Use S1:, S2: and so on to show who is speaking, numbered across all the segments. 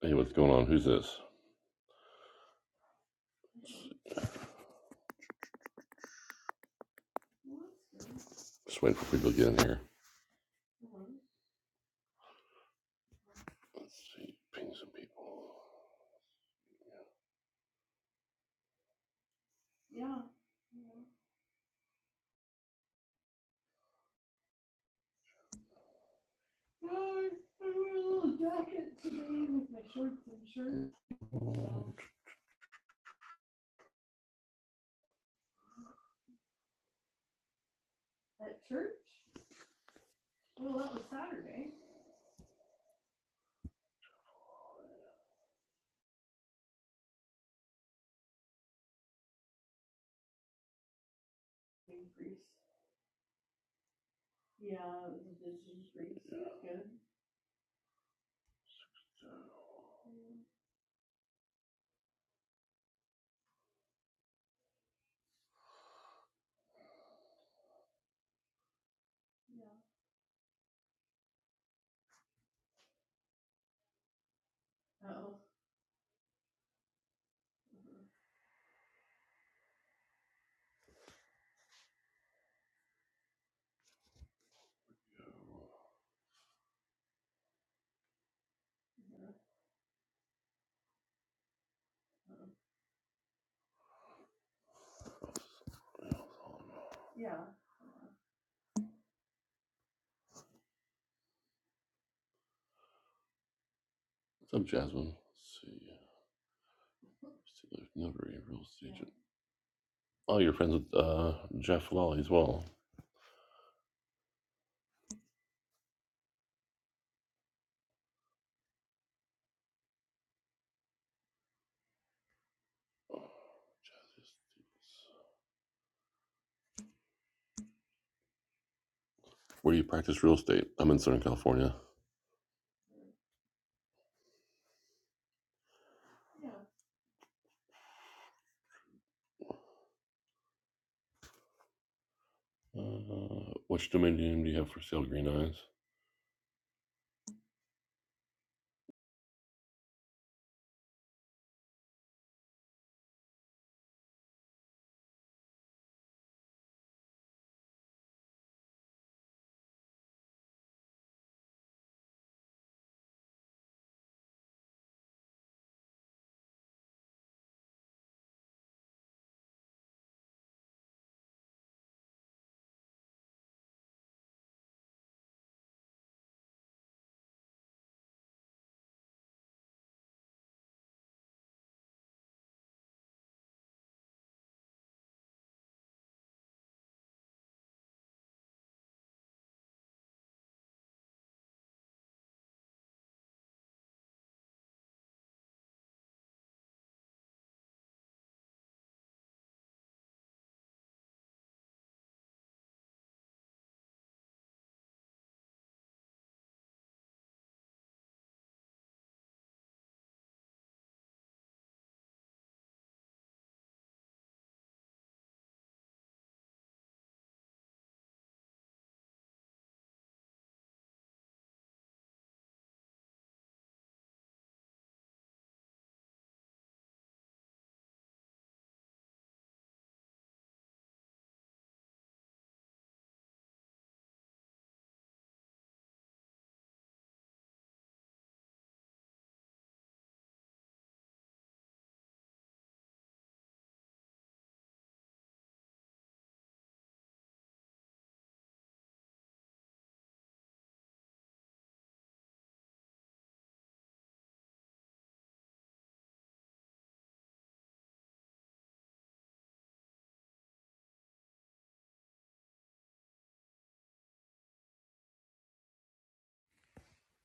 S1: Hey, what's going on? Who's this? Just waiting for people to get in here. Let's see. Ping some people. What's up, Jasmine? Let's see. Let's see, Notary, real estate agent. Oh, you're friends with uh, Jeff Lally as well. Where do you practice real estate? I'm in Southern California. Uh, which domain name do you have for sale, Green Eyes?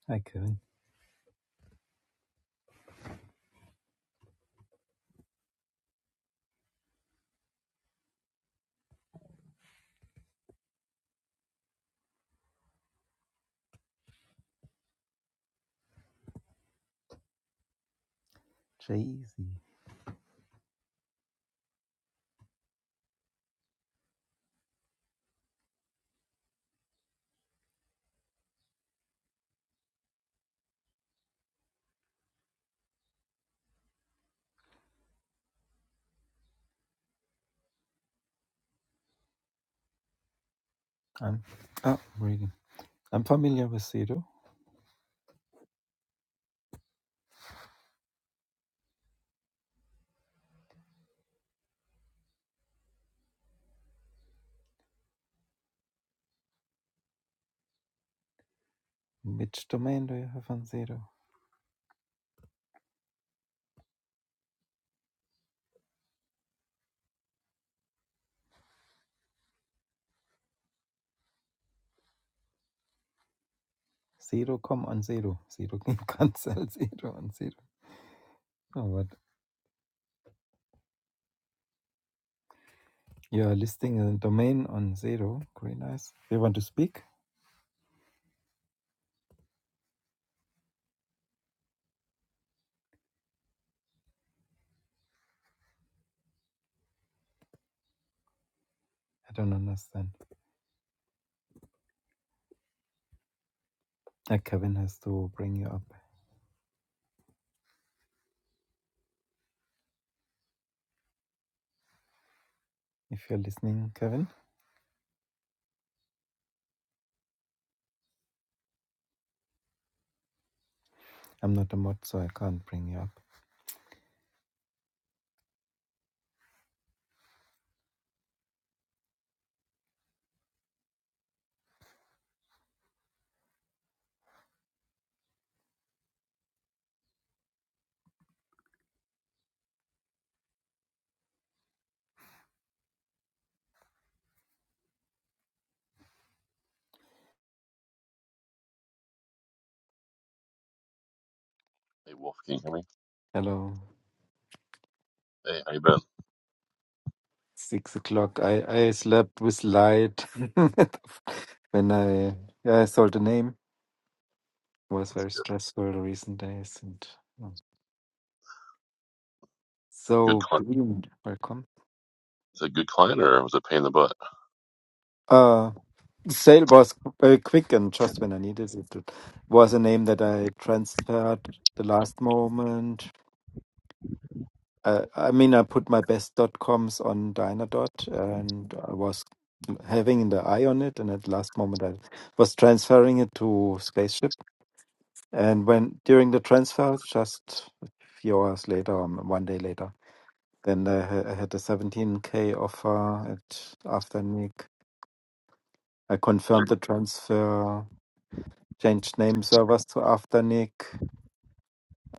S2: Hi, Kevin. Jay-Z. I'm oh, reading. I'm familiar with Zero. Which domain do you have on Zero? Zero com on Zero. Zero can cancel Zero on Zero. Oh, but you are listing a domain on Zero. Green eyes. You want to speak? I don't understand. Uh, Kevin has to bring you up. If you're listening, Kevin, I'm not a mod, so I can't bring you up.
S1: Hey, Wolf, can you hear me?
S2: Hello.
S1: Hey, how you been?
S2: Six o'clock. I, I slept with light when I I saw the name. was
S1: That's
S2: very
S1: good.
S2: stressful the recent days and um,
S1: Good
S2: so
S1: client?
S2: green welcome
S1: Is that a good client or was it a pain in the butt?
S2: uh sale was uh, quick and just when i needed it it was a name that i transferred the last moment uh, i mean i put my best dot coms on dynadot and i was having the eye on it and at the last moment i was transferring it to spaceship and when during the transfer just a few hours later or one day later Then I, ha- I had a 17k offer at Afternic. I confirmed the transfer, changed name servers to Afternic,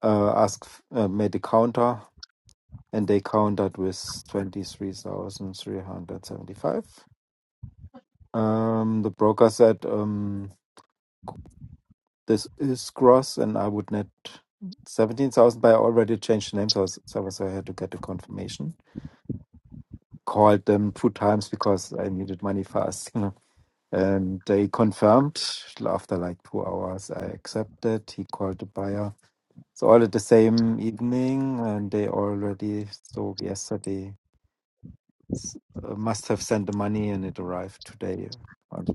S2: uh, asked, f- uh, made a counter, and they countered with 23,375. Um, the broker said, um, this is gross and I would net 17,000, but I already changed the name servers, so I had to get a confirmation. Called them two times because I needed money fast. And they confirmed after like two hours, I accepted. He called the buyer. So all at the same evening, and they already, so yesterday, s- uh, must have sent the money and it arrived today uh, on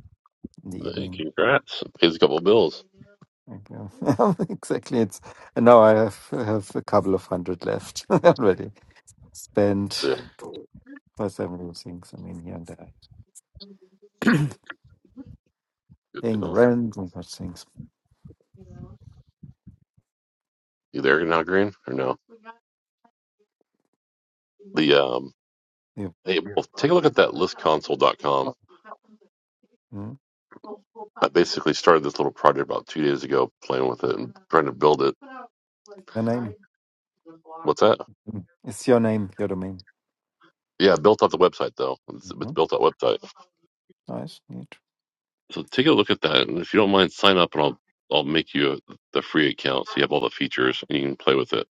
S2: in the
S1: Hey,
S2: evening.
S1: congrats. Pays a couple of bills.
S2: Like, yeah. exactly. It's and now I have have a couple of hundred left already spent
S1: Yeah.
S2: for several things. I mean, here and there,
S1: Good
S2: paying the
S1: deal.
S2: rent and such things.
S1: You there now, Green? Or no? The um
S2: Yeah.
S1: hey well take a look at that listconsole.com.
S2: Oh, mm.
S1: I basically started this little project about two days ago, playing with it and trying to build it.
S2: Your name
S1: What's that?
S2: Mm. It's your name, your domain.
S1: Yeah, I built out the website though. It's,
S2: Mm-hmm.
S1: it's built out website.
S2: Nice, neat.
S1: So take a look at that, and if you don't mind, sign up, and I'll I'll make you a, the free account so you have all the features and you can play with it.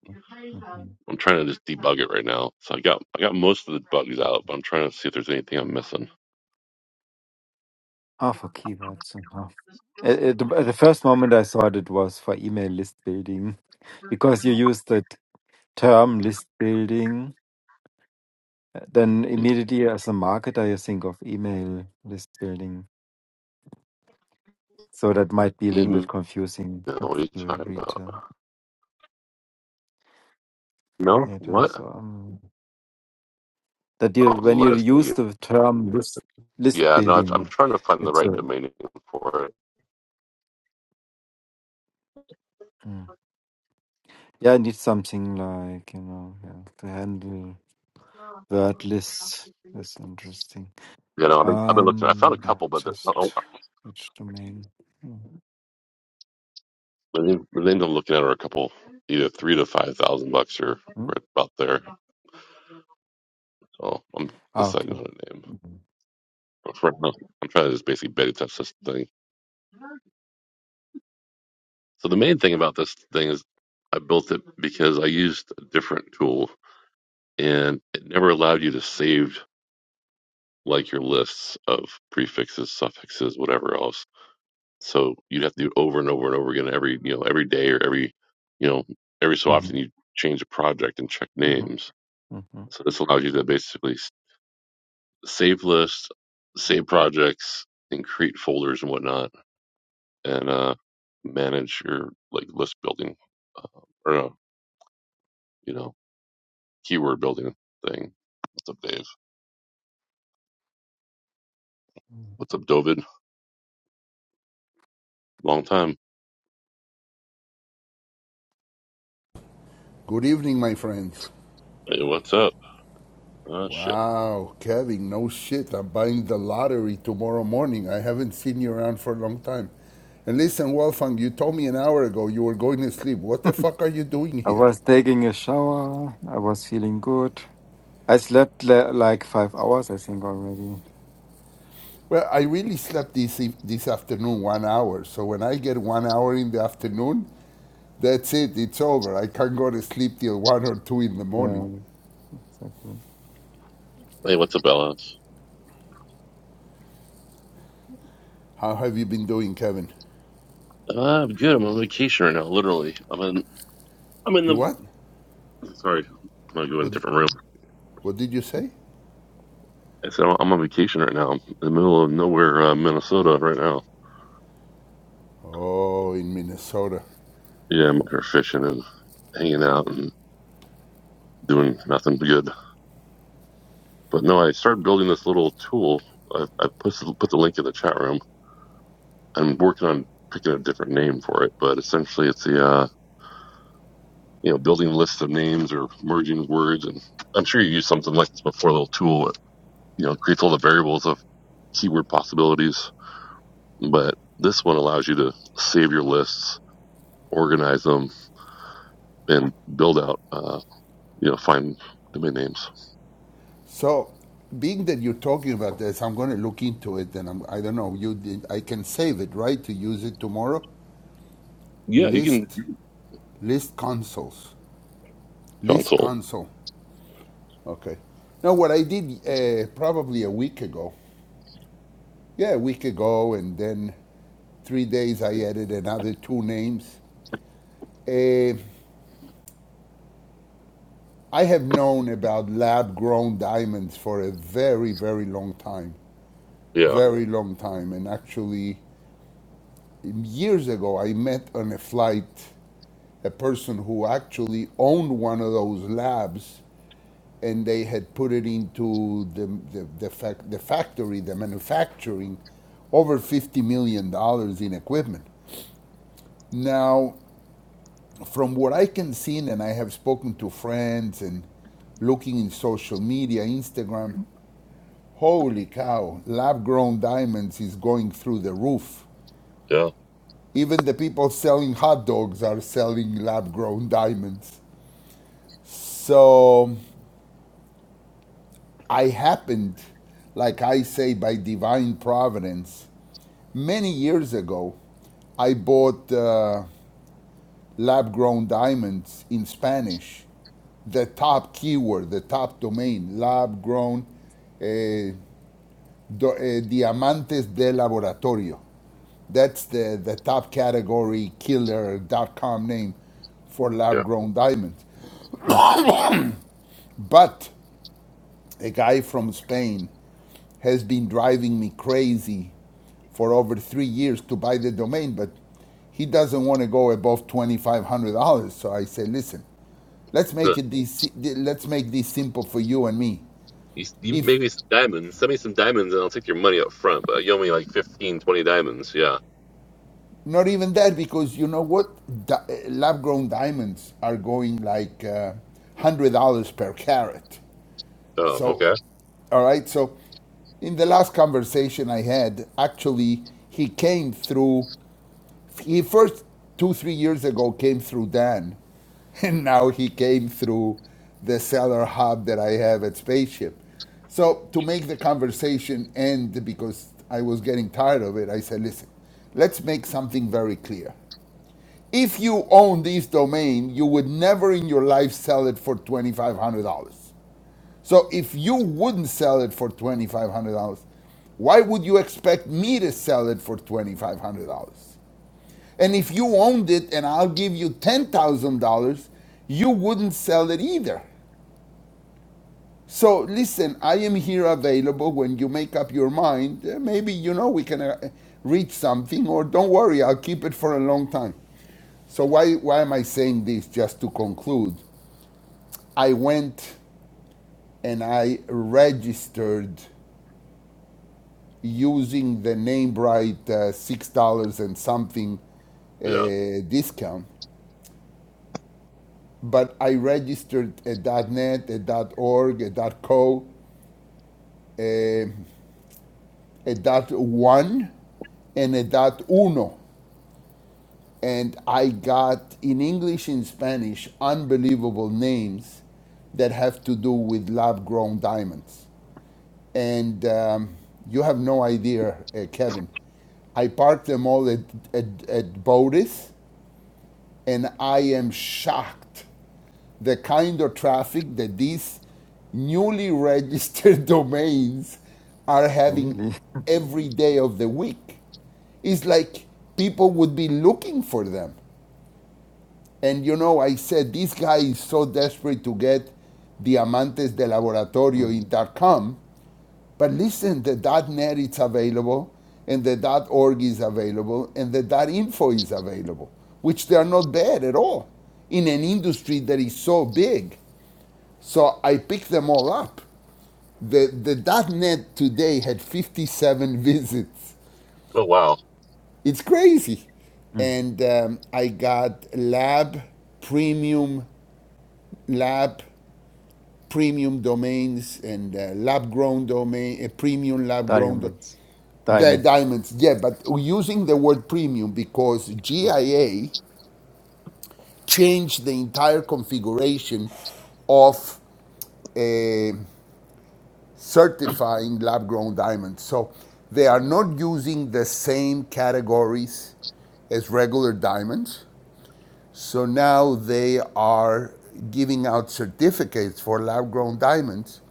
S2: Mhm.
S1: I'm trying to just debug it right now. So I got I got most of the bugs out, but I'm trying to see if there's anything I'm missing.
S2: Half for keywords somehow. Uh, uh, the, uh, the first moment I thought it was for email list building because you use the t- term list building. uh, Then
S1: The
S2: immediately as a marketer, you think of email list building. So that might be a little bit
S1: Email,
S2: confusing
S1: what are you
S2: to
S1: talking
S2: read
S1: about?
S2: uh,
S1: No,
S2: later.
S1: what?
S2: So um, that you
S1: Oh,
S2: when you
S1: list.
S2: use the term list list
S1: Yeah, no, it's, I'm
S2: building,
S1: trying to find the
S2: it's
S1: right
S2: a
S1: domain name for it.
S2: mm. yeah, I need something like you know yeah, to handle. Word at that's interesting.
S1: You know, I've been, I've been looking. I found a
S2: Um, yeah,
S1: couple, but they're, oh,
S2: just which domain? Mhm.
S1: the name the name I'm looking at are a couple, either three to five thousand bucks or
S2: Hmm?
S1: right about there. So I'm
S2: Ah,
S1: deciding
S2: okay.
S1: on a name.
S2: Mhm.
S1: But for now, I'm trying to just basically beta test this thing. So the main thing about this thing is I built it because I used a different tool, and it never allowed you to save like your lists of prefixes, suffixes, whatever else So you'd have to do it over and over and over again every you know every day or every you know every so often
S2: Mhm.
S1: you change a project and check
S2: Mhm.
S1: names.
S2: Mhm.
S1: So this allows you to basically s- save lists, save projects, and create folders and whatnot, and uh, manage your like list building uh, or no, you know keyword building thing. What's up, Dave?
S2: Mhm.
S1: What's up, David? Long time.
S3: Good evening, my friends.
S1: Hey, what's up? Oh shit.
S3: Wow, Kevin, no shit. I'm buying the lottery tomorrow morning. I haven't seen you around for a long time. And listen, Wolfgang, you told me an hour ago you were going to sleep. What the fuck are you doing
S2: I
S3: here?
S2: was taking a shower. I was feeling good. I slept le- like five hours, I think, already.
S3: Well, I really slept this, eve- this afternoon one hour. So when I get one hour in the afternoon, that's it. It's over. I can't go to sleep till one or two in the morning.
S2: Yeah, exactly.
S1: Hey, what's up, Alice?
S3: How have you been doing, Kevin?
S1: Uh, I'm good. I'm on vacation right now. Literally, I'm in. I'm in
S3: You
S1: the
S3: what?
S1: Sorry, I'm gonna go in a
S3: What,
S1: different room.
S3: what did you say?
S1: So I'm on vacation right now, in the middle of nowhere, uh, Minnesota, right now.
S3: Oh, in Minnesota.
S1: Yeah, I'm out here fishing and hanging out and doing nothing good. But no, I started building this little tool. I, I put the, put the link in the chat room. I'm working on picking a different name for it, but essentially, it's the uh, you know building lists of names or merging words. And I'm sure you used something like this before, a little tool that you know creates all the variables of keyword possibilities. But this one allows you to save your lists organize them and build out, uh, you know, find domain names.
S3: So, being that you're talking about this, I'm going to look into it, and I'm, I don't know. You, did, I can save it, right, to use it tomorrow.
S1: Yeah, you can
S3: List, list consoles, list
S1: console.
S3: console. Okay. Now, what I did uh, probably a week ago, yeah, a week ago, and then three days I added another two names. Uh, I have known about lab grown diamonds for a very, very long time.
S1: Yeah,
S3: Very long time. And actually, years ago, I met on a flight a person who actually owned one of those labs, and they had put it into the the, the, fac- the factory, the manufacturing, over fifty million dollars in equipment. Now, from what I can see, and I have spoken to friends and looking in social media, Instagram, holy cow, lab grown diamonds is going through the roof.
S1: yeah,
S3: Even the people selling hot dogs are selling lab grown diamonds. So I happened, like I say, by divine providence, many years ago, I bought uh, lab grown diamonds in Spanish. The top keyword, the top domain, lab grown eh, do- eh, diamantes de laboratorio. That's the, the top category killer .dot com name for lab
S1: yeah.
S3: grown diamonds. But a guy from Spain has been driving me crazy for over three years to buy the domain, but he doesn't want to go above twenty-five hundred dollars. So I say, listen, let's make
S1: Huh.
S3: it this, let's make this simple for you and me.
S1: You, you
S3: If
S1: make me some diamonds. Send me some diamonds, and I'll take your money up front. But you owe me like 15, 20 diamonds. Yeah.
S3: not even that, because you know what, Di- lab-grown diamonds are going like uh, one hundred dollars per carat.
S1: Oh,
S3: So,
S1: okay.
S3: all right. So, in the last conversation I had, actually, he came through he first two three years ago came through Dan, and now he came through the seller hub that I have at Spaceship. So to make the conversation end, because I was getting tired of it, I said, "Listen, let's make something very clear. If you own this domain, you would never in your life sell it for twenty five hundred dollars. So if you wouldn't sell it for twenty five hundred dollars." Why would you expect me to sell it for $2,500? And if you owned it and I'll give you $10,000, you wouldn't sell it either. So listen, I am here available when you make up your mind. eh, Maybe, you know, we can uh, reach something, or don't worry, I'll keep it for a long time. So, why, why am I saying this? Just to conclude, I went and I registered using the name right uh, $6 and something uh,
S1: Yeah.
S3: discount but I registered a .net, a .org, a .co, a, a .one, and a .uno. And I got, in English and Spanish, unbelievable names that have to do with lab-grown diamonds. And um, you have no idea, uh, Kevin, I parked them all at, at, at Bodis, and I am shocked the kind of traffic that these newly registered domains are having
S2: Really?
S3: every day of the week. It's like people would be looking for them. And you know, I said this guy is so desperate to get Diamantes de Laboratorio
S2: Mm.
S3: dot com. but listen, the .net is available, and the .org is available, and the .info is available, which they are not bad at all in an industry that is so big. So I picked them all up. The, the .NET today had 57 visits.
S1: Oh, wow.
S3: It's crazy.
S2: Mm.
S3: And um, I got lab, premium lab, premium domains, and uh, lab grown domain, uh, premium lab grown. Do-
S2: Diamonds.
S3: the
S2: Diamonds.
S3: diamonds, yeah, but using the word premium because
S2: Mm.
S3: GIA changed the entire configuration of uh, certifying lab grown diamonds. So they are not using the same categories as regular diamonds. So now they are giving out certificates for lab grown diamonds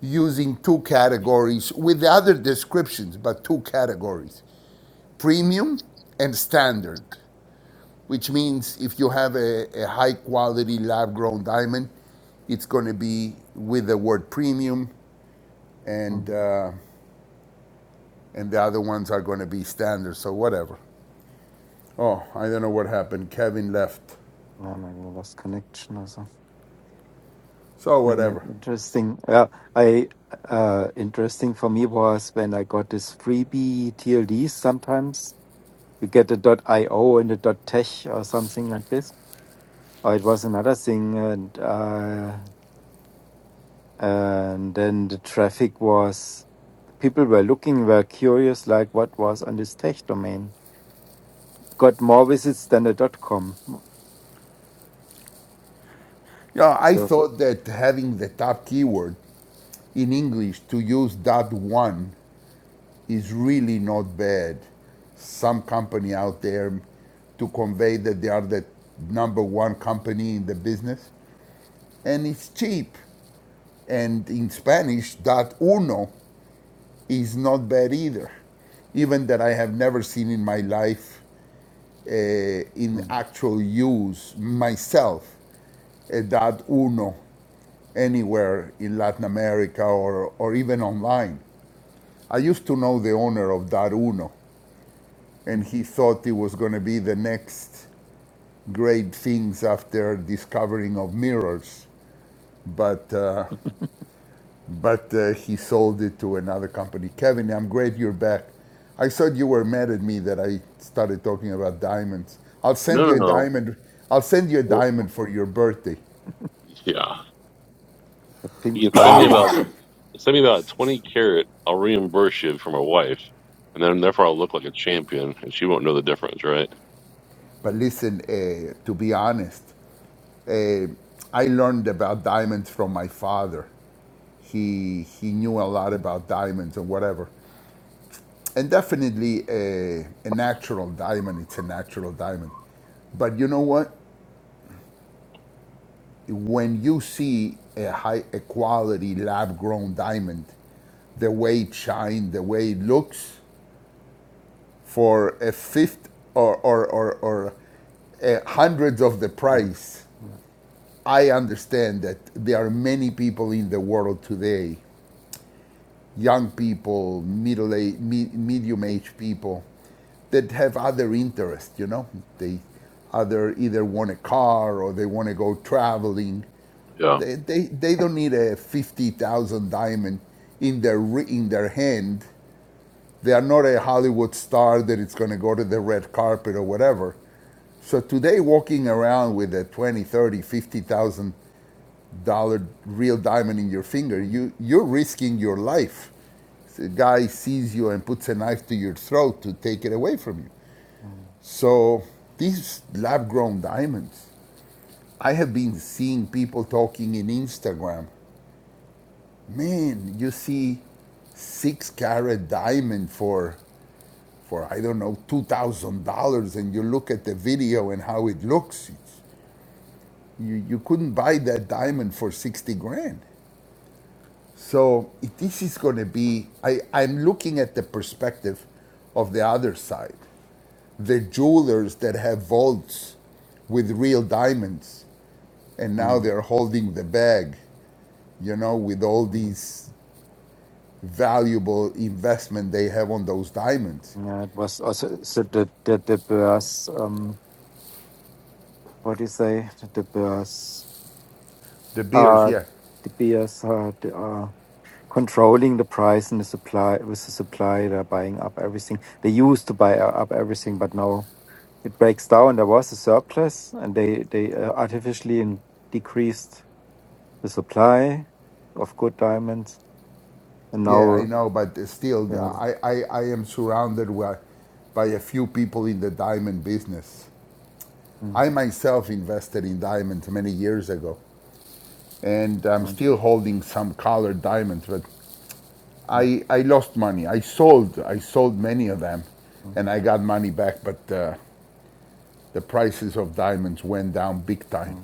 S3: using two categories with other descriptions, but two categories premium and standard, which means if you have a, a high quality lab grown diamond, it's going to be with the word premium and
S2: Mm.
S3: uh, and the other ones are going to be standard, so whatever. Oh, I don't know what happened. Kevin left.
S2: Yeah, maybe I lost connection or something.
S3: So
S2: Yeah,
S3: whatever.
S2: interesting. Yeah, I uh interesting for me was when I got this freebie TLD. Sometimes you get a .io and a .tech or something like this. Or it was another thing, and uh, and then the traffic was people were looking, were curious, like what was on this tech domain. Got more visits than a dot com.
S3: Yeah, I
S2: Yeah.
S3: thought that having the top keyword in English to use dot one is really not bad. Some company out there to convey that they are the number one company in the business, and it's cheap. And in Spanish, dot uno is not bad either, even that I have never seen in my life uh, in
S2: Mm,
S3: actual use myself, uh, that Uno, anywhere in Latin America or, or even online. I used to know the owner of that Uno, and
S2: mhm.
S3: he thought it was going to be the next great things after discovering of mirrors. But uh, but uh, he sold it to another company. Kevin, I'm glad you're back. I thought you were mad at me that I started talking about diamonds. I'll send
S1: No,
S3: you
S1: no,
S3: a
S1: no.
S3: diamond. I'll send you a
S1: Well,
S3: diamond for your birthday.
S1: yeah.
S2: The pink
S1: You can send me
S2: diamonds.
S1: about send me about twenty carat. I'll reimburse you for my wife, and then therefore I'll look like a champion, and she won't know the difference, right?
S3: But listen, uh, to be honest, uh, I learned about diamonds from my father. He he knew a lot
S2: Mm,
S3: about diamonds and whatever, and definitely a, a natural diamond. It's a natural diamond. But you know what? when you see a high a quality lab grown diamond, the way it shines, the way it looks, for a fifth or or or, or uh, hundreds of the
S2: mm,
S3: price,
S2: yeah,
S3: I understand that there are many people in the world today, young people, middle age, me, medium aged people, that have other interests. You know, they other either want a car or they want to go traveling
S1: Yeah.
S3: They, they, they don't need a 50,000 diamond in their, in their hand. They are not a Hollywood star that it's going to go to the red carpet or whatever. So today, walking around with a twenty, thirty, fifty thousand dollar real diamond in your finger,
S2: mm,
S3: you, you're risking your life. The guy sees you and puts a knife to your throat to take it away from you.
S2: mm,
S3: So these lab grown diamonds, I have been seeing people talking in Instagram man, you see six carat diamond for for I don't know two thousand dollars, and you look at the video and how it looks. It's, you you couldn't buy that diamond for sixty grand. So this is going to be. I I'm looking at the perspective of the other side, the jewelers that have vaults with real diamonds, and now
S2: mm.
S3: they're holding the bag, you know, with all
S2: mm.
S3: these valuable investment they have on those diamonds.
S2: Yeah, it was also so the the the Bears. Um, what do you say? The Bears
S3: The beers,
S2: are
S3: yeah.
S2: the Bears are the, are controlling the price and the supply with the supply. They're buying up everything. They used to buy up everything, but now it breaks down. There was a surplus, and they they uh, artificially in- decreased the supply of good diamonds, and
S3: Yeah, I
S2: now
S3: know, but still,
S2: yeah.
S3: I, I, I am surrounded with, by a few people in the diamond business.
S2: Mm,
S3: I myself invested in diamonds many years ago, and I'm
S2: mm,
S3: still holding some colored diamonds, but
S2: mm,
S3: I, I lost money. I sold, I sold many of them,
S2: mm,
S3: and I got money back, but uh, the prices of diamonds went down big
S2: mm.
S3: time.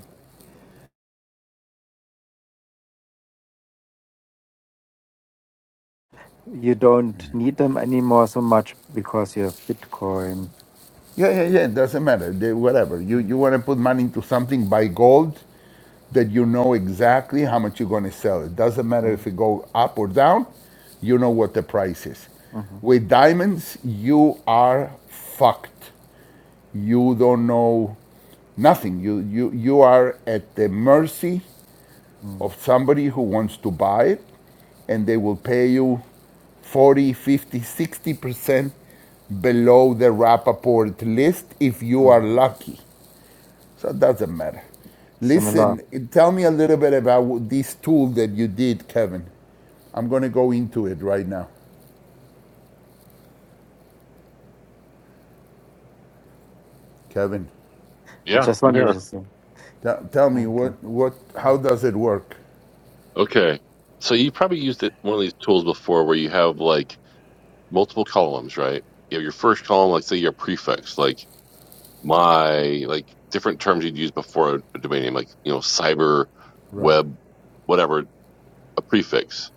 S2: You don't need them anymore so much because you have Bitcoin.
S3: Yeah, yeah, yeah. It doesn't matter. They, whatever. You
S2: Mm,
S3: you want to put money into something, buy gold that you know exactly how much you're going to sell. It doesn't matter if
S2: mm,
S3: it go up or down. You know what the price is.
S2: mhm,
S3: With diamonds, you are fucked. You don't know nothing. You you you are at the mercy
S2: mm,
S3: of somebody who wants to buy it, and they will pay you forty, fifty, sixty percent below the Rappaport list if you are
S2: mm.
S3: lucky. So it doesn't matter.
S2: Similar.
S3: Listen, tell me a little bit about this tool that you did, Kevin. I'm going to go into it right now. Kevin,
S2: I
S1: Yeah.
S2: just
S1: I'm
S2: wanted
S1: here.
S2: to say.
S3: tell, tell
S2: Yeah,
S3: me
S2: okay.
S3: what, what,
S2: Mm.
S3: how does it work?
S1: Okay. So you probably used it one of these tools before where you have like multiple columns, right? You have your first column, like say your prefix, like my, like different terms you'd use before a domain name, like, you know, cyber,
S3: Right,
S1: web, whatever, a prefix.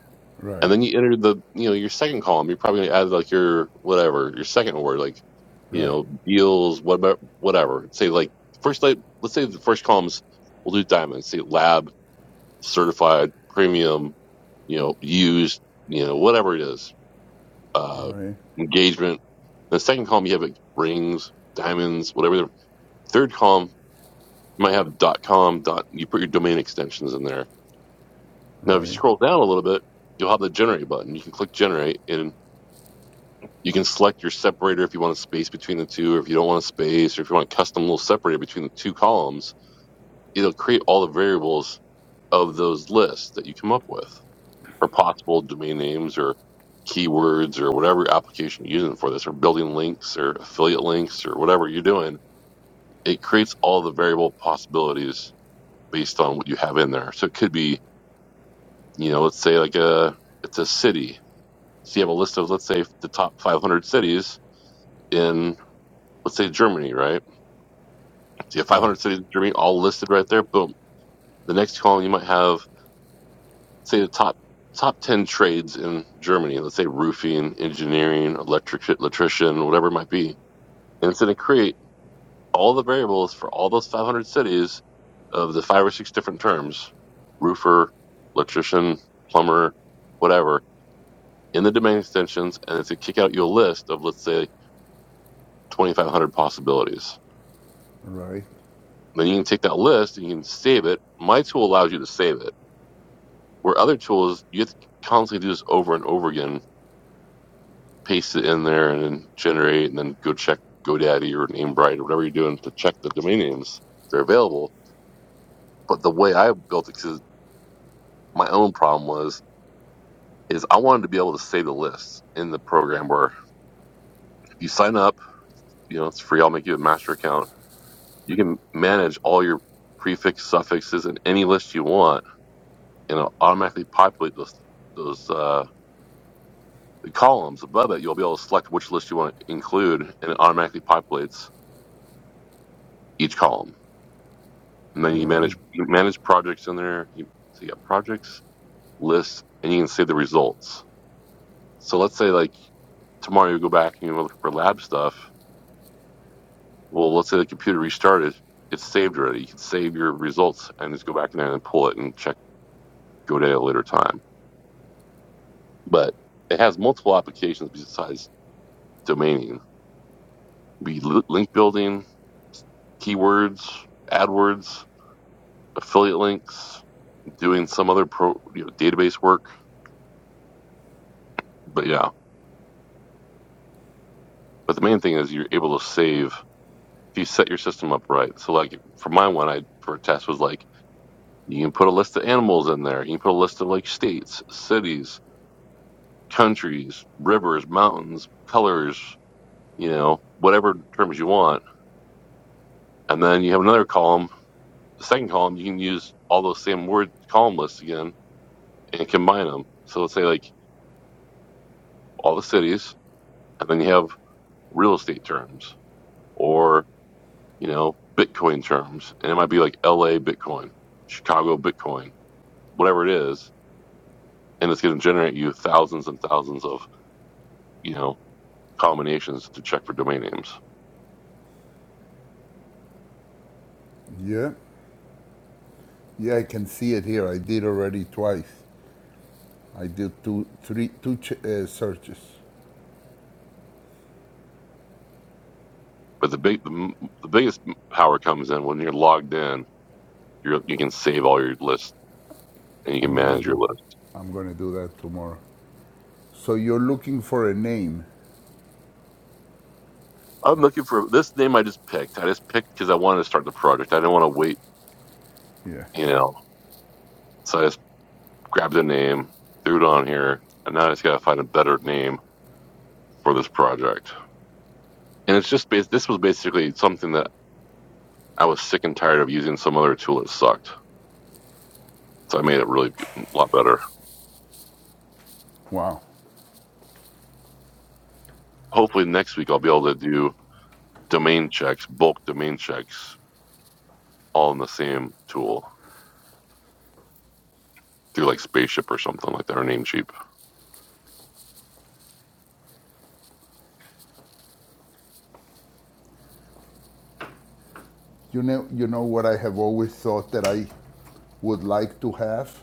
S1: And
S3: right,
S1: then you enter the, you know, your second column, you're probably going to add like your whatever, your second word, like, you
S3: right,
S1: know, deals, whatever, whatever. Say like first, like, let's say the first columns, we'll do diamonds, say lab certified premium, you know, used, you know, whatever it is, uh,
S3: right,
S1: engagement. The second column you have like rings, diamonds, whatever. The third column you might have dot com dot. You put your domain extensions in there. Now, if you
S3: right,
S1: scroll down a little bit, you'll have the generate button. You can click generate, and you can select your separator if you want a space between the two, or if you don't want a space, or if you want a custom little separator between the two columns. It'll create all the variables of those lists that you come up with. or possible domain names or keywords or whatever application you're using for this or building links or affiliate links or whatever you're doing, it creates all the variable possibilities based on what you have in there. So it could be, you know, let's say like a, it's a city. So you have a list of, let's say the top 500 cities in, let's say Germany, right? So you have
S3: right,
S1: 500 cities in Germany all listed right there. Boom. The next column you might have say the top top 10 trades in Germany, let's say roofing, engineering, electric, electrician, whatever it might be. And it's going to create all the variables for all those 500 cities of the five or six different terms, roofer, electrician, plumber, whatever, in the domain extensions. And it's going to kick out you a list of, let's say, 2,500 possibilities.
S3: right,
S1: Then you can take that list and you can save it. My tool allows you to save it. Where other tools, you have to constantly do this over and over again paste it in there and then generate and then go check GoDaddy or Namebright or whatever you're doing to check the domain names. They're available. But the way I built it, because my own problem was, is I wanted to be able to save the list in the program where if you sign up, you know, it's free. I'll make you a master account. You can manage all your prefix, suffixes, and any list you want, and it'll automatically populate those those uh, the columns above it. You'll be able to select which list you want to include, and it automatically populates each column and then you
S3: right.
S1: manage you manage projects in there. You, so you got projects, lists, and you can see the results. So let's say like tomorrow you go back and you look for lab stuff. Well, let's say the computer restarted, it's saved already. You can save your results and just go back in there and pull it and check GoDaddy at a later time. But it has multiple applications besides domaining. Be link building, keywords, AdWords, affiliate links, doing some other pro you know, database work. But yeah, but the main thing is you're able to save if you set your system up right. So like for my one, I for a test was like you can put a list of animals in there. You can put a list of like states, cities, countries, rivers, mountains, colors, you know, whatever terms you want. And then you have another column. The second column, you can use all those same word column lists again and combine them. So let's say like all the cities, and then you have real estate terms or you know Bitcoin terms, and it might be like L.A. Bitcoin, Chicago Bitcoin, whatever it is and it's going to generate you thousands and thousands of you know combinations to check for domain names.
S3: Yeah, Yeah, I can see it here. I did already twice. I did two, three, two ch- uh, searches.
S1: But the big the, the biggest power comes in when you're logged in. You you can save all your lists and you can
S3: I'm gonna
S1: manage your
S3: do,
S1: list.
S3: I'm gonna do that tomorrow. So you're looking for a name.
S1: I'm looking for this name I just picked. I just picked because I wanted to start the project. I didn't want to wait,
S3: Yeah.
S1: you know. So I just grabbed a name, threw it on here, and now I just got to find a better name for this project. And it's just based. this was basically something that I was sick and tired of using some other tool that sucked. So I made it really be- a lot better.
S3: Wow.
S1: Hopefully next week I'll be able to do domain checks, bulk domain checks, all in the same tool through like Spaceship or something like that or Namecheap.
S3: You know, you know what I have always thought that I would like to have,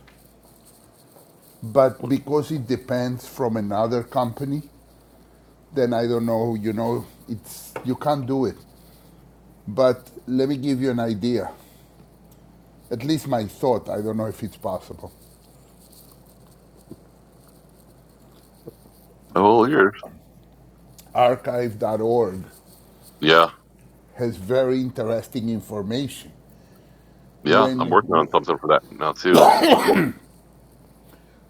S3: but because it depends from another company, then I don't know. You know, it's you can't do it. But let me give you an idea. At least my thought. I don't know if it's possible.
S1: Oh, years.
S3: Archive.org
S1: Yeah,
S3: has very interesting information.
S1: yeah. I'm
S3: When
S1: working on
S3: w-
S1: something for that now too.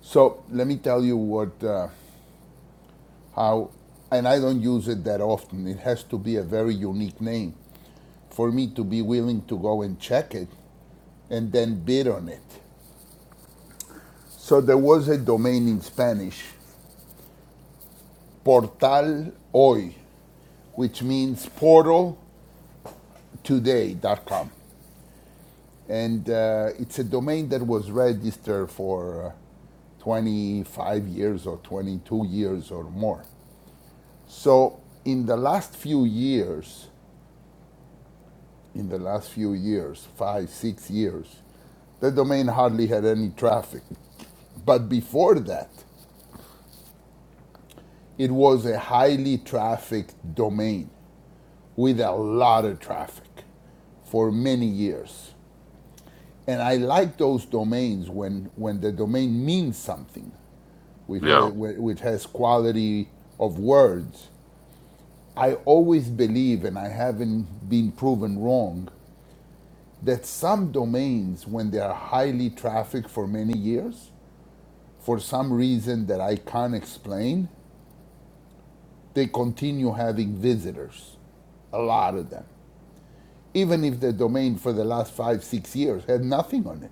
S3: so, let me tell you what uh, how, and I don't use it that often. It has to be a very unique name for me to be willing to go and check it and then bid on it. So there was a domain in Spanish, Portal Hoy, which means portal Today. dot com. And uh, it's a domain that was registered for uh, 25 years or 22 years or more. So in the last few years, in the last few years, five, six years, the domain hardly had any traffic. But before that, it was a highly trafficked domain with a lot of traffic for many years. And I like those domains when, when the domain means something. which has,
S1: Yeah,
S3: which has quality of words, I always believe, and I haven't been proven wrong, that some domains, when they are highly trafficked for many years, for some reason that I can't explain, they continue having visitors, a lot of them. Even if the domain for the last five, six years had nothing on it,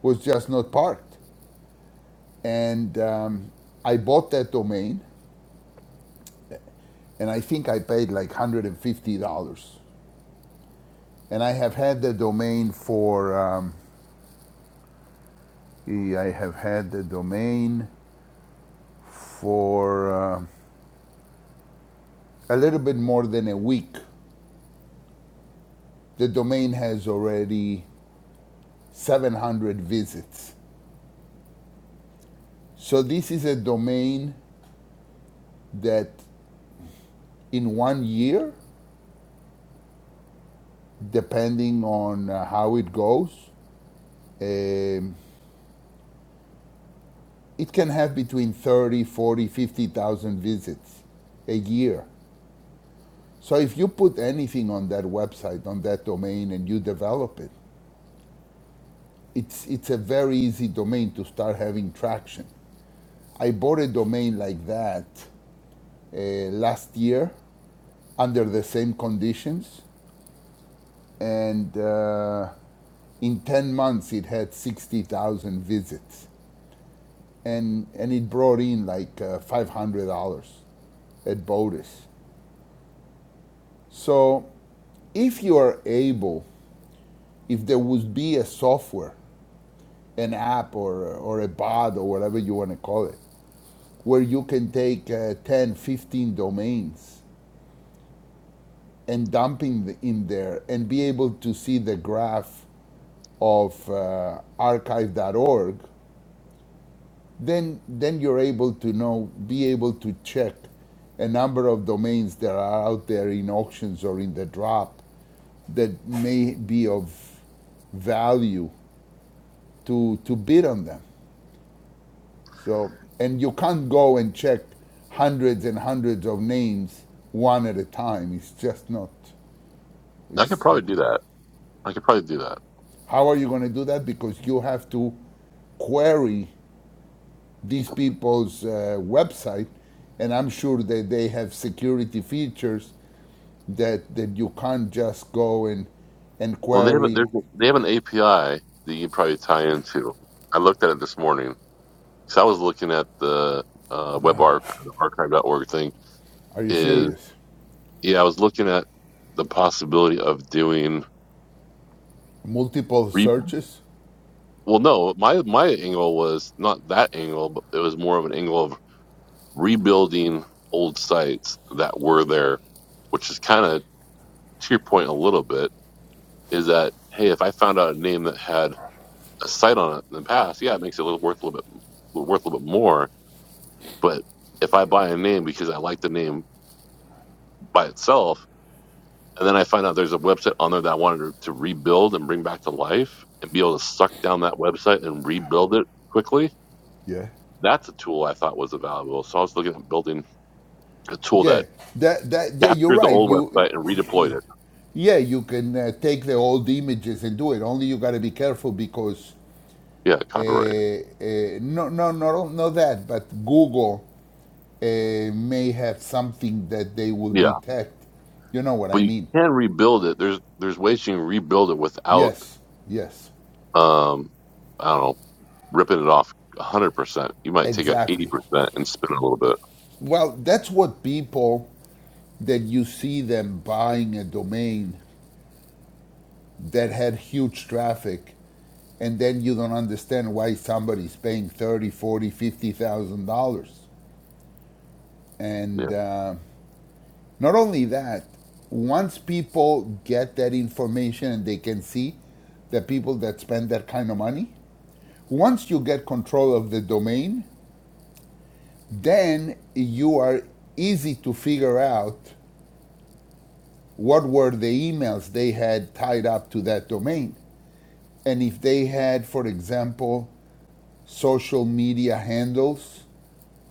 S3: was just not parked. And um, I bought that domain and I think I paid like $150 And I have had the domain for, um, e- I have had the domain for uh, a little bit more than a week. The domain has already 700 visits. So this is a domain that in one year, depending on uh, how it goes, um, it can have between 30, 40, 50,000 visits a year. So if you put anything on that website, on that domain, and you develop it, it's it's a very easy domain to start having traction. I bought a domain like that uh, last year under the same conditions, and uh, in ten months it had sixty thousand visits, and and it brought in like uh, five hundred dollars at Botus. So if you are able, if there would be a software, an app or or a bot or whatever you want to call it, where you can take uh, 10, fifteen domains and dumping in there and be able to see the graph of uh, archive.org, then then you're able to know, be able to check a number of domains that are out there in auctions or in the drop that may be of value to to bid on them. So and you can't go and check hundreds and hundreds of names one at a time. It's just not
S1: I could
S3: It's
S1: probably do that. I could probably do that.
S3: how are you going to do that? Because you have to query these people's uh, website, and I'm sure that they have security features that that you can't just go and and
S1: Well, they have a, there's
S3: query.
S1: a- they have an API that you can probably tie into. I looked at it this morning because I was looking at the uh, web archive, the archive.org thing.
S3: Are you
S1: Is
S3: serious?
S1: yeah, I was looking at the possibility of doing.
S3: Multiple
S1: Re-
S3: searches?
S1: well, no, my my angle was not that angle, but it was more of an angle of rebuilding old sites that were there, which is kind of to your point a little bit. Is that hey, if I found out a name that had a sight on it in the past, yeah, it makes it a little worth a little bit worth a little bit more. But if I buy a name because I like the name by itself, and then I find out there's a website on there that I wanted to, to rebuild and bring back to life and be able to suck down that website and rebuild it quickly,
S3: Yeah.
S1: that's a tool I thought was valuable. So I was looking at building a tool
S3: Yeah,
S1: that
S3: that that yeah, you're
S1: captured the
S3: right.
S1: old
S3: You,
S1: website and
S3: you
S1: redeployed it.
S3: yeah, you can uh, take the old images and do it. Only you got to be careful because
S1: Yeah,
S3: uh,
S1: copyright.
S3: uh, no, no, no, no, not that. But Google uh, may have something that they will
S1: Yeah,
S3: detect. You know what
S1: but
S3: I
S1: you
S3: mean?
S1: can rebuild it. There's there's ways you can rebuild it without
S3: Yes, yes,
S1: um I don't know ripping it off 100%. You might take out
S3: exactly.
S1: 80% and spin it a little bit.
S3: Well, that's what people that you see them buying a domain that had huge traffic and then you don't understand why somebody's paying 30, 40, 50000 dollars and
S1: Yeah.
S3: uh, not only that once people get that information and they can see the people that spend that kind of money Once you get control of the domain, then you are easy to figure out what were the emails they had tied up to that domain. And if they had, for example, social media handles,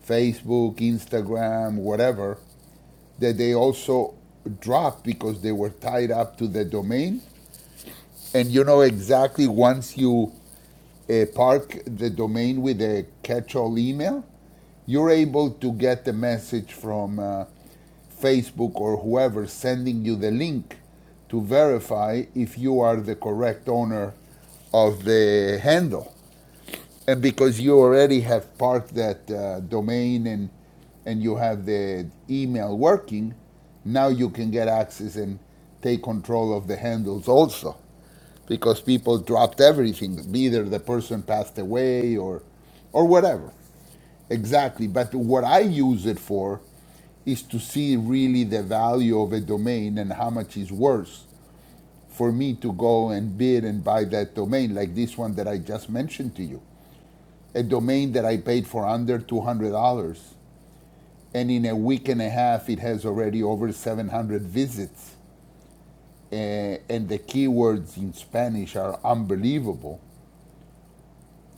S3: Facebook, Instagram, whatever, that they also dropped because they were tied up to the domain. And you know exactly once you uh, park the domain with a catch-all email, you're able to get the message from uh, Facebook or whoever sending you the link to verify if you are the correct owner of the handle. And because you already have parked that uh, domain and and you have the email working, now you can get access and take control of the handles also because people dropped everything. Either the person passed away or, or whatever. Exactly. But what I use it for is to see really the value of a domain and how much is worth for me to go and bid and buy that domain, like this one that I just mentioned to you. A domain that I paid for under $200. And in a week and a half, it has already over 700 visits. Eh, and the keywords in Spanish are unbelievable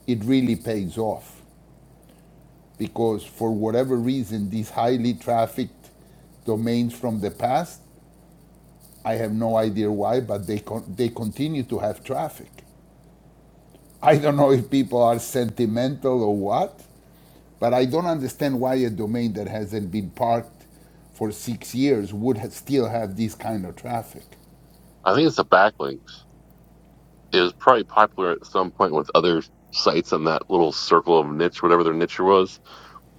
S3: it really pays off because for whatever reason, these highly trafficked domains from the past, I have no idea why, but they con- they continue to have traffic. I don't know if people are sentimental or what, but I don't understand why a domain that hasn't been parked for six years would ha- still have this kind of traffic.
S1: I think it's a backlink. It was probably popular at some point with other sites in that little circle of niche, whatever their niche was.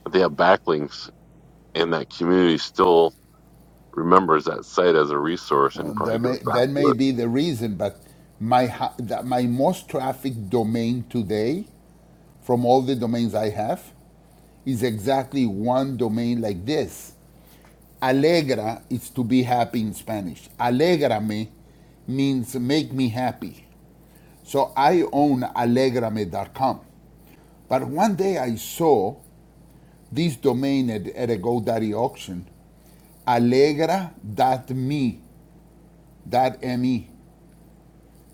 S1: But they have backlinks, and that community still remembers that site as a resource
S3: Well,
S1: and
S3: that
S1: probably goes
S3: may,
S1: back
S3: that
S1: to
S3: may
S1: it.
S3: be the reason, but my, ha- that my most trafficked domain today, from all the domains I have, is exactly one domain like this. Alegra is to be happy in Spanish. Alegrame means make me happy. So I own alegrame.com. But one day I saw this domain at, at a GoDaddy auction, alegra dot me, dot me.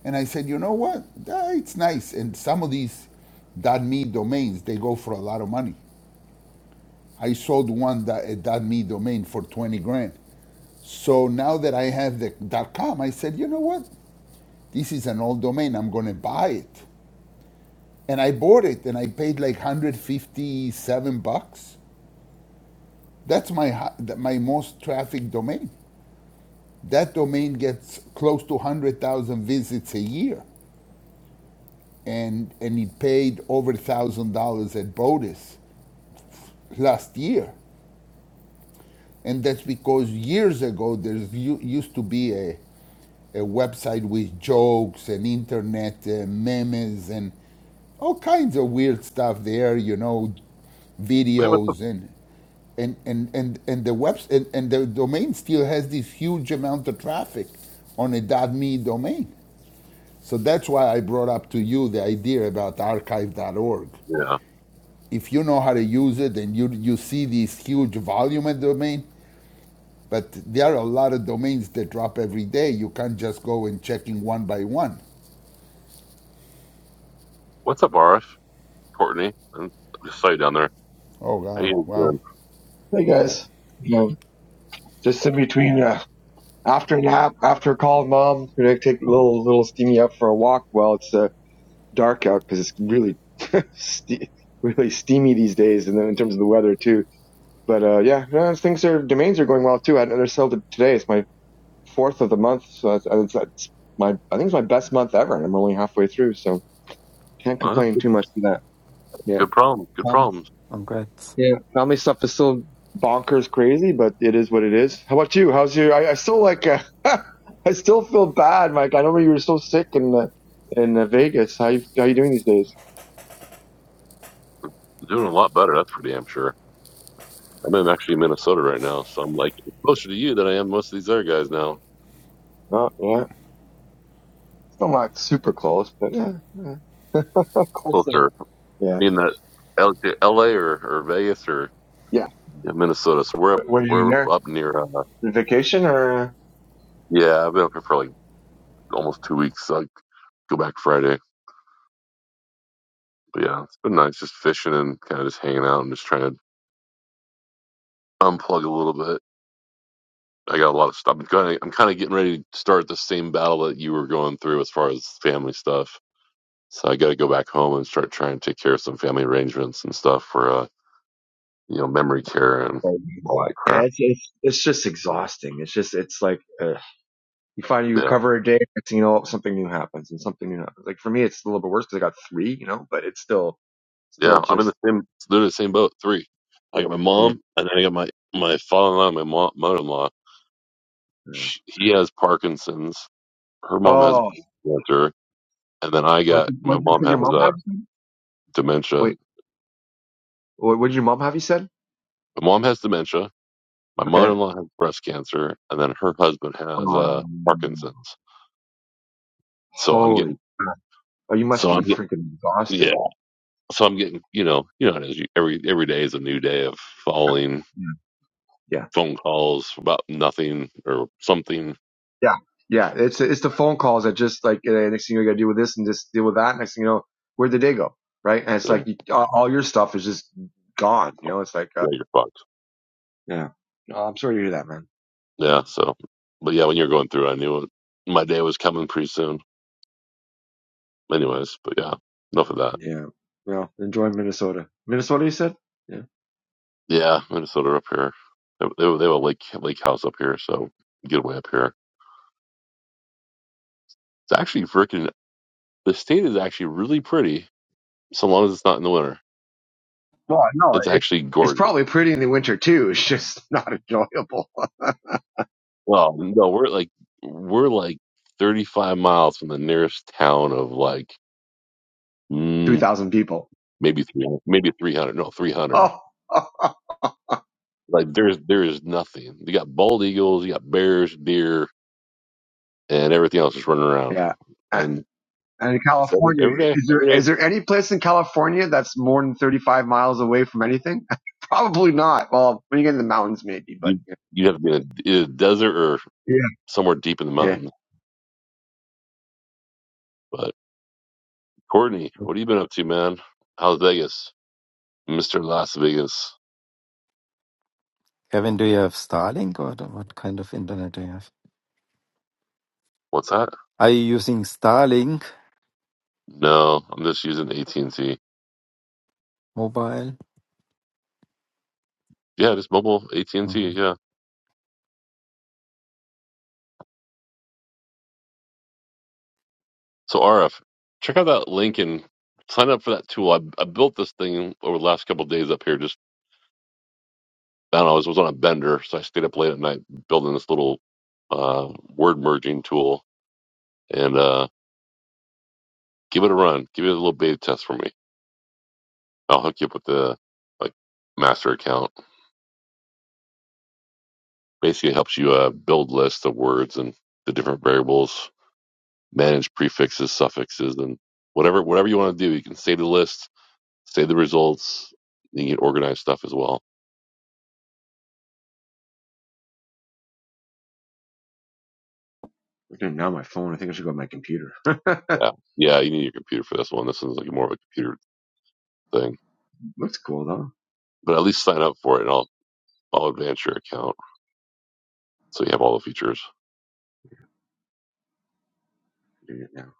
S3: And I said, you know what? Ah, it's nice. And some of these .me domains, they go for a lot of money. I sold one that, a .me domain for 20 grand. So now that I have the .com, I said, you know what? This is an old domain. I'm going to buy it. And I bought it and I paid like 157 bucks. That's my my most traffic domain. That domain gets close to 100,000 visits a year. And and it paid over $1,000 at Bodis last year. And that's because years ago there used to be a a website with jokes and internet uh, memes and all kinds of weird stuff there, you know,
S1: Hey, what's up?
S3: videos and and and and, and the webs and, and the domain still has this huge amount of traffic on a .me domain. So that's why I brought up to you the idea about archive.org.
S1: Yeah.
S3: If you know how to use it and you you see this huge volume of domain, but there are a lot of domains that drop every day. You can't just go and checking one by one.
S1: What's up, Arash? Courtney? And I saw you down there.
S3: Oh,
S1: How
S3: wow.
S1: you
S3: Wow.
S1: doing?
S4: Hey
S3: Uh,
S4: guys, you know, just in between, uh, after a nap, after a call, with mom, gonna take a little little steamy up for a walk while it's uh, dark out because it's really ste- really steamy these days, and then in terms of the weather too. But uh, yeah, no, things are domains are going well too. I had another sale to- today. It's my fourth of the month, so that's, uh, it's, it's my I think it's my best month ever, and I'm only halfway through, so can't
S1: Uh,
S4: complain
S1: good,
S4: too much for that. Yeah,
S1: good problems. Good
S4: Um,
S1: problems.
S2: Congrats.
S4: Yeah. Family stuff is still bonkers crazy, but it is what it is. How about you? How's your? I, I still like. Uh, I still feel bad, Mike. I remember you were so sick in uh, in uh, Vegas. How you how you doing these days?
S1: Doing a lot better. That's for damn sure. I'm in actually Minnesota right now, so I'm like closer to you than I am most of these other guys now.
S4: Oh, yeah. Still not super close, but yeah, yeah. close enough.
S1: Closer,
S4: Yeah,
S1: being that L- L.A. or, or Vegas or
S4: yeah.
S1: yeah, Minnesota. So we're up
S4: But what are you
S1: we're
S4: there?
S1: up near. Uh,
S4: Vacation or?
S1: yeah, I've been up here for like almost two weeks. So I go back Friday. But yeah, it's been nice just fishing and kind of just hanging out and just trying to unplug a little bit. I got a lot of stuff. I'm kind of I'm kind of getting ready to start the same battle that you were going through as far as family stuff. So I got to go back home and start trying to take care of some family arrangements and stuff for uh, you know, memory care and
S4: Oh,
S1: all that
S4: yeah, Yeah,
S1: crap.
S4: it's, it's it's just exhausting. It's just it's like uh, you find you
S1: Yeah.
S4: recover a day, next thing you know something new happens and something new happens. Like for me, it's a little bit worse because I got three, you know, but it's still
S1: Yeah.
S4: Still
S1: I'm in
S4: just
S1: the same, they're in the same boat. Three. I got my
S4: yeah.
S1: mom and then I got my, my father in law my mom, mother in law.
S4: yeah.
S1: He has Parkinson's. Her mom has
S4: Oh,
S1: brain cancer. And then I
S4: what
S1: got,
S4: did
S1: my
S4: what did you
S1: mom
S4: say your
S1: has
S4: mom
S1: uh,
S4: had? you said?
S1: dementia.
S4: Wait, what, what did your mom have? You said
S1: My mom has dementia. My mother
S4: okay.
S1: in law has breast cancer. And then her husband has
S4: Oh,
S1: uh,
S4: no.
S1: Parkinson's. So I'm
S4: holy
S1: getting,
S4: crap! Oh, you must
S1: so I'm
S4: be
S1: getting,
S4: freaking
S1: yeah.
S4: exhausted.
S1: So I'm getting, you know, you know, how it is. You- every every day is a new day of falling
S4: Yeah, yeah,
S1: phone calls about nothing or something.
S4: yeah. yeah. It's it's the phone calls that just like eh, next thing you got to deal with this and just deal with that. Next thing you know, where'd the day go? Right? And it's
S1: Yeah,
S4: like you, all all your stuff is just gone. You know, it's like uh,
S1: yeah, you're fucked.
S4: yeah. Oh, I'm sorry to hear that, man.
S1: Yeah. So, but yeah, when you're going through, it, I knew it, my day was coming pretty soon. Anyways, but yeah, enough of that.
S4: Yeah. Well, enjoy Minnesota. Minnesota, you said? Yeah.
S1: Yeah, Minnesota up here. They, they, have a lake lake house up here, so get away up here. It's actually freaking. The state is actually really pretty, so long as it's not in the winter.
S4: Well, no,
S1: It's
S4: it's
S1: actually
S4: it's
S1: gorgeous.
S4: probably pretty in the winter too. It's just not enjoyable.
S1: Well, no, we're like we're like 35 miles from the nearest town of like
S4: Two thousand people.
S1: maybe three, maybe three hundred. No, three hundred.
S4: Oh,
S1: Like there's there is nothing. You got bald eagles, you got bears, deer, and everything else is running around.
S4: yeah. Uh,
S1: And
S4: And in
S1: it's every
S4: California,
S1: every day,
S4: is
S1: every
S4: there is
S1: day
S4: there any place in California that's more than thirty five miles away from anything? probably not. Well, when you get in the mountains, maybe. But
S1: you
S4: yeah,
S1: you have to be in a, in a desert or
S4: yeah.
S1: somewhere deep in the
S4: yeah.
S1: mountains. But Courtney, what have you been up to, man? How's Vegas, Mister Las Vegas?
S2: Kevin, do you have Starlink or the- what kind of internet do you have?
S1: What's that?
S2: Are you using Starlink
S1: No, I'm just using AT and T.
S2: mobile?
S1: Yeah, just mobile AT and
S2: Mm-hmm.
S1: T. Yeah. So RF, check out that link and sign up for that tool. I, I built this thing over the last couple of days up here just I don't know, I was, was on a bender, so I stayed up late at night building this little uh, word merging tool. And uh, give it a run. Give it a little beta test for me. I'll hook you up with the like master account. Basically, it helps you uh, build lists of words and the different variables, manage prefixes, suffixes, and whatever whatever you want to do. You can save the list, save the results. You can organize stuff as well.
S4: I'm doing it Now on my phone. I think I should go to my computer.
S1: Yeah, yeah. You need your computer for this one. This one's like more of a computer thing.
S4: Looks cool though.
S1: But at least sign up for it, and I'll I'll advance your account. So you have all the features.
S4: I'm doing it now.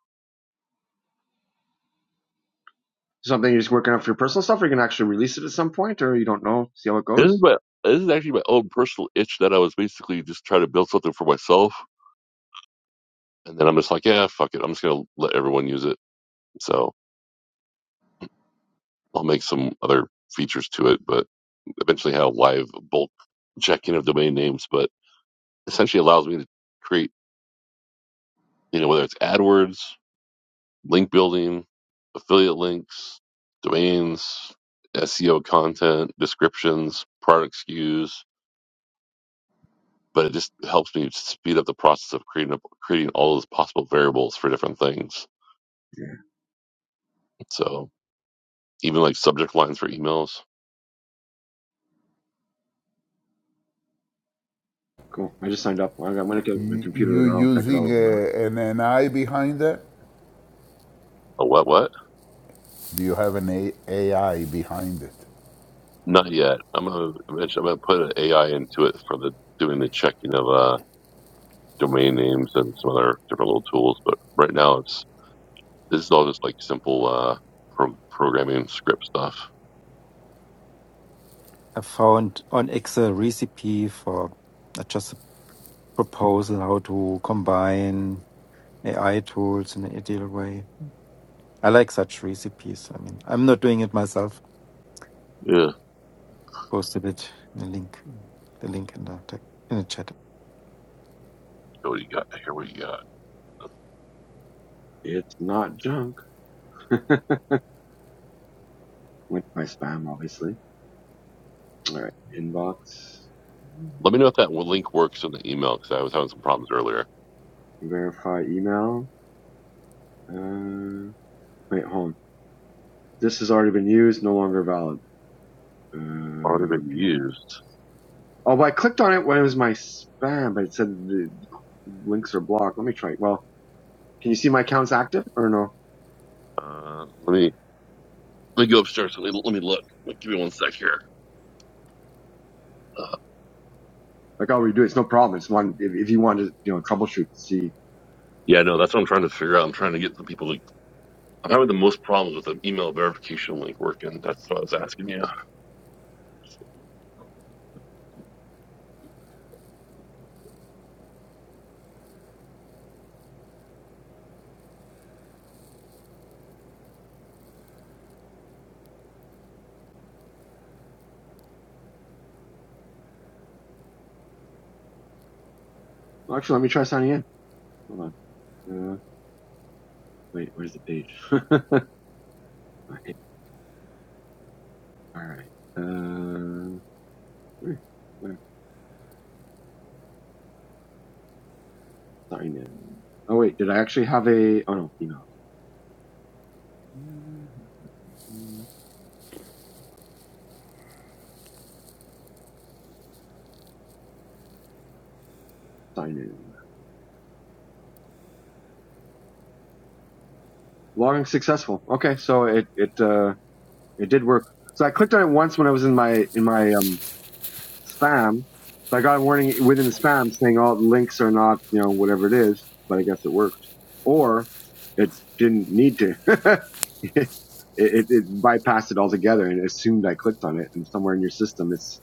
S4: Something you're just working on for your personal stuff, or you can actually release it at some point, or you don't know. See how it
S1: This is
S4: goes.
S1: my this is actually my own personal itch that I was basically just trying to build something for myself, and then I'm just like, yeah, fuck it, I'm just gonna let everyone use it. So I'll make some other features to it, but eventually have live bulk checking of domain names. But essentially allows me to create, you know, whether it's AdWords, link building, affiliate links, domains, SEO content, descriptions, product SKUs, but it just helps me speed up the process of creating up, creating all those possible variables for different things.
S4: Yeah,
S1: So even like subject lines for emails.
S4: cool. I just signed up. I got- I'm gonna get my
S3: You
S4: computer later on. I'll check it out a
S3: using
S4: little bit
S3: a,
S4: more.
S1: like,
S3: an NI behind that?
S1: A what? What?
S3: Do you have an a- AI behind it?
S1: Not yet. I'm gonna mention. I'm gonna put an AI into it for the doing the checking of uh domain names and some other different little tools. But right now it's this is all just like simple uh pro- programming script stuff.
S2: I found on Excel recipe for uh, just a proposal how to combine AI tools in an ideal way. I like such recipes. I mean, I'm not doing it myself.
S1: Yeah.
S2: Posted it in the link, the link in the tech, in the chat.
S1: What do you got? Here what you got.
S4: It's not junk. Went to my spam, obviously. All right, inbox,
S1: Let me know if that link works in the email because I was having some problems earlier.
S4: verify email. Uh, wait, hold on. This has already been used, no longer valid.
S1: Already
S4: Uh,
S1: been
S4: okay.
S1: used.
S4: Oh, but I clicked on it when it was my spam, but it said the links are blocked. Let me try it. Well, can you see my account's active or no?
S1: Uh, let me Let me go upstairs. Let me, let me look. Like, give me one sec here. Uh,
S4: Like, I'll redo it. It's no problem. It's one, if, if you want to, you know, troubleshoot, see.
S1: yeah, no, that's what I'm trying to figure out. I'm trying to get the people to. I'm having the most problems with the email verification link working. That's what I was asking you.
S4: Well, actually, let me try signing in. Hold on. Uh, wait, where's the page? I All right. Uh, where, where sign in? Oh wait, did I actually have a? Oh no, email. Mm, Sign in. Logging successful. Okay, so it it uh it did work. So I clicked on it once when I was in my in my um spam. So I got a warning within the spam saying all the links are not you know whatever it is, but I guess it worked. Or it didn't need to. it, it, it bypassed it altogether and assumed I clicked on it. And somewhere in your system, it's.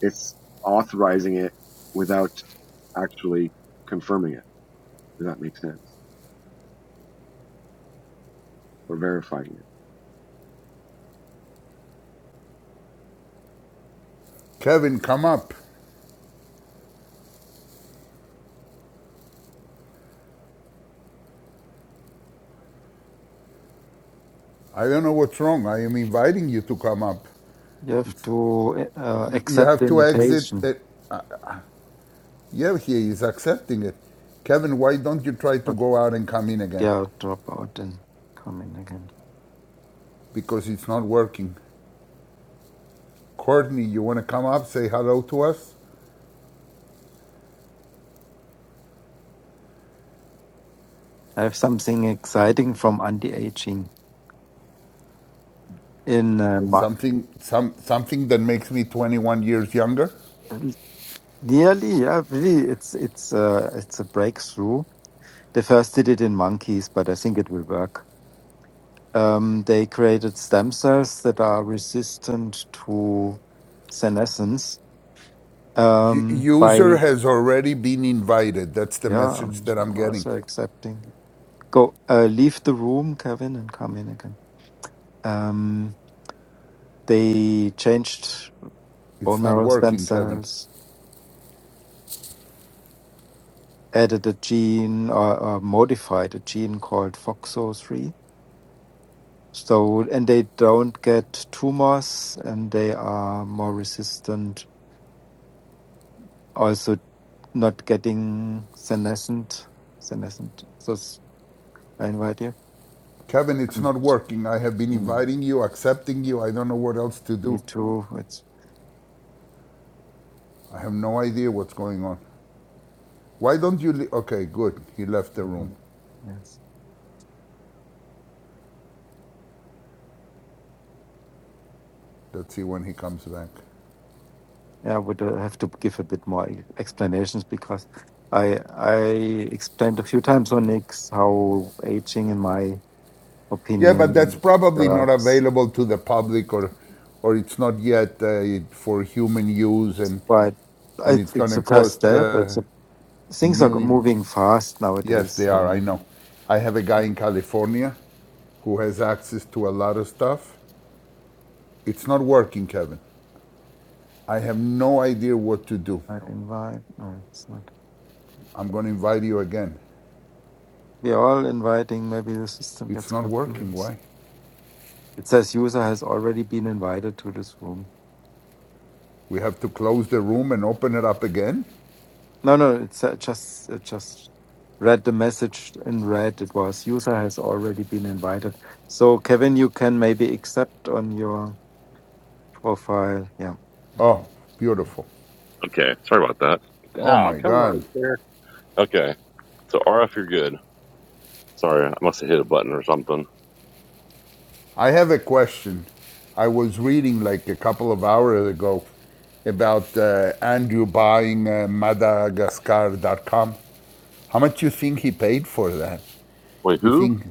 S4: It's authorizing it without actually confirming it. Does that make sense? Or verifying it?
S3: Kevin, come up. I don't know what's wrong. I am inviting you to come up.
S2: You have
S3: It's,
S2: to uh,
S3: you you
S2: accept
S3: have
S2: the
S3: to exit.
S2: invitation,
S3: At, yeah, he is accepting it. Kevin, why don't you try to
S2: but
S3: go out and come in again?
S2: yeah, I'll drop out and come in again.
S3: Because it's not working. Courtney, you want to come up, say hello to us?
S2: I have something exciting from anti-aging in uh, ma-
S3: Something, some, something that makes me 21 years younger?
S2: nearly. Yeah, really, it's it's uh, it's a breakthrough They first did it in monkeys, but I think it will work. Um, they created stem cells that are resistant to senescence um,
S3: User
S2: by,
S3: has already been invited. That's the
S2: yeah,
S3: message
S2: I'm,
S3: that I'm
S2: I'm
S3: getting.
S2: also accepting. Go, uh, leave the room, Kevin, and come in again. Um, they changed bone
S3: It's not
S2: marrow stem
S3: working, Kevin.
S2: cells, added a gene or, or modified a gene called FOXO3. So, and they don't get tumors and they are more resistant also not getting senescent, senescent. So it's- I invite you.
S3: Kevin, it's
S2: Mm.
S3: not working. I have been
S2: Mm.
S3: inviting you, accepting you. I don't know what else to
S2: Me
S3: do.
S2: too. It's
S3: I have no idea what's going on. Why don't you? Le- okay, good. He left the room.
S2: mhm. yes.
S3: Let's see when he comes back.
S2: Yeah, I would uh, have to give a bit more e- explanations because I I explained a few times on Nix how aging, in my
S3: Yeah, but that's
S2: opinion,
S3: probably not
S2: works.
S3: available to the public, or, or it's not yet uh, for human use, and
S2: But
S3: and
S2: I,
S3: it's going
S2: it's
S3: to
S2: the first
S3: cost
S2: step.
S3: uh,
S2: It's a, things are
S3: millions.
S2: moving fast
S3: Yes,
S2: nowadays.
S3: they are. I know.
S2: Um,
S3: I have a guy in California who has access to a lot of stuff. It's not working, Kevin. I have no idea what to do.
S2: I invite. No, it's not.
S3: I'm going to invite you again.
S2: We're all inviting. Maybe the system
S3: It's
S2: gets
S3: not working.
S2: confused.
S3: Why?
S2: It says user has already been invited to this room.
S3: We have to close the room and open it up again?
S2: No, no, it's uh, just it just read the message in red. It was user has already been invited. So Kevin, you can maybe accept on your profile. Yeah.
S3: Oh,
S2: Okay.
S3: beautiful.
S1: Okay, sorry about that.
S3: Oh
S1: Oh,
S3: my
S1: come
S3: God.
S1: on, here. Okay, so RF, you're good. Sorry, I must have hit a button or something.
S3: I have a question. I was reading like a couple of hours ago about uh, Andrew buying uh, Madagascar.com. How much do you think he paid for that?
S1: Wait,
S3: You
S1: who?
S3: think,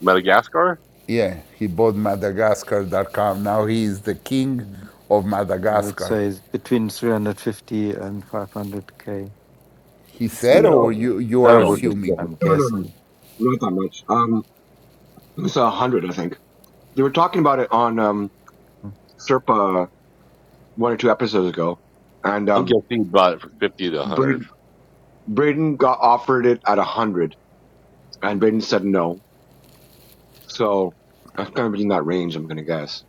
S1: Madagascar?
S3: yeah, he bought Madagascar.com. Now he is the king
S2: Mm.
S3: of
S2: I would
S3: Madagascar.
S2: say it's between 350 and 500k.
S3: He said, or
S1: No,
S3: you, you
S2: I
S3: are
S1: I
S2: would.
S1: don't think
S3: assuming?
S1: so.
S2: I'm
S4: No, no, no.
S2: guessing.
S4: Not that much. Um, it was a hundred, I think. They were talking about it on um Serpa one or two episodes ago, and
S1: I'm
S4: um,
S1: guessing you bought it for fifty to a hundred.
S4: Braden Braden got offered it at a hundred, and Braden said no. So that's kind of in that range, I'm gonna guess.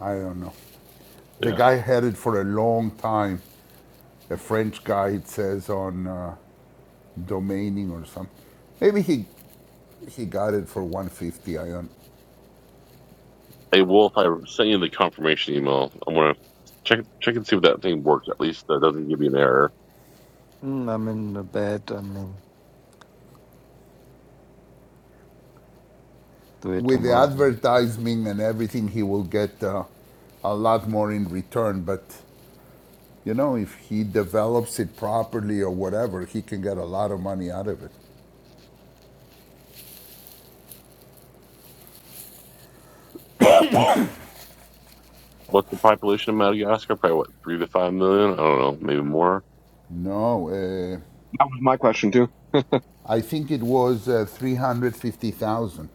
S3: I don't know. The
S1: Yeah.
S3: guy had it for a long time. A French guy, it says on uh, domaining or something. Maybe he, he got it for 150. I don't.
S1: Hey Wolf, I sent you the confirmation email. I'm gonna check check and see if that thing works. At least that doesn't give you an error.
S2: Mm, I'm in the bed. I mean, do it
S3: With the
S2: tomorrow.
S3: advertising and everything, he will get uh, a lot more in return. But you know, if he develops it properly or whatever, he can get a lot of money out of it.
S1: What's the population of Madagascar? Probably what three to five million. I don't know, maybe more.
S3: No, uh,
S4: That was my question too.
S3: I think it was uh, 350,000.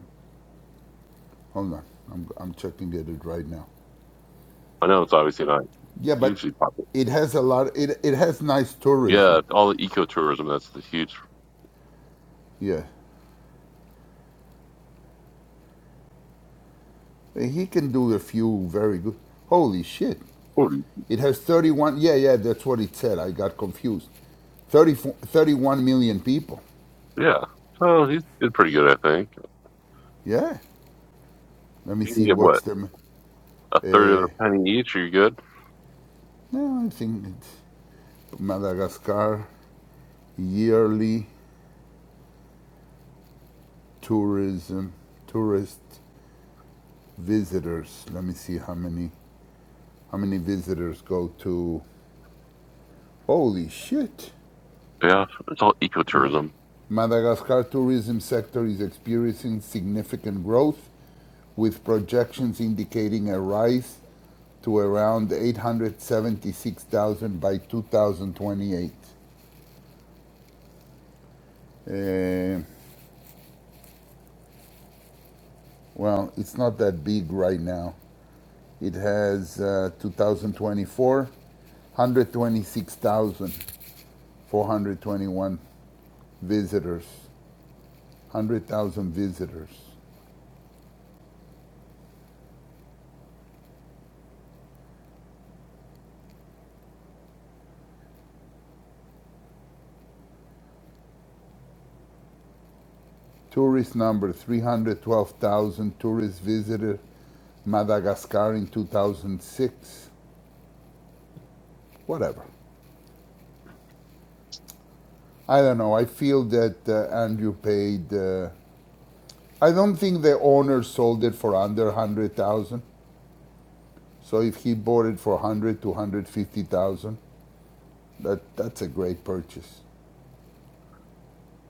S3: Hold on, I'm, I'm checking at it right now.
S1: I know it's obviously not
S3: Yeah, but
S1: hugely popular.
S3: it has a lot, it, it has nice tourism.
S1: Yeah, all the ecotourism. That's the huge.
S3: Yeah. Uh, He can do a few very good. Holy shit.
S1: forty.
S3: It has 31, yeah, yeah, that's what it said. I got confused. 34, 31 million people.
S1: Yeah. So he did pretty good, I think.
S3: Yeah. Let me
S1: You can
S3: see
S1: get
S3: what's
S1: what
S3: the,
S1: a third of a penny each. Are you good.
S3: no, I think it's Madagascar yearly tourism, tourist visitors. Let me see how many how many visitors go to. Holy shit!
S1: Yeah, it's all ecotourism.
S3: Madagascar tourism sector is experiencing significant growth, with projections indicating a rise to around 876,000 by 2028. Uh, well, it's not that big right now. It has uh, 2024, 126,421 visitors. 100,000 visitors. Tourist number 312,000 tourists visited Madagascar in 2006. Whatever. I don't know. I feel that uh, Andrew paid. Uh, I don't think the owner sold it for under 100,000. So if he bought it for 100 to 150,000, that, that's a great purchase.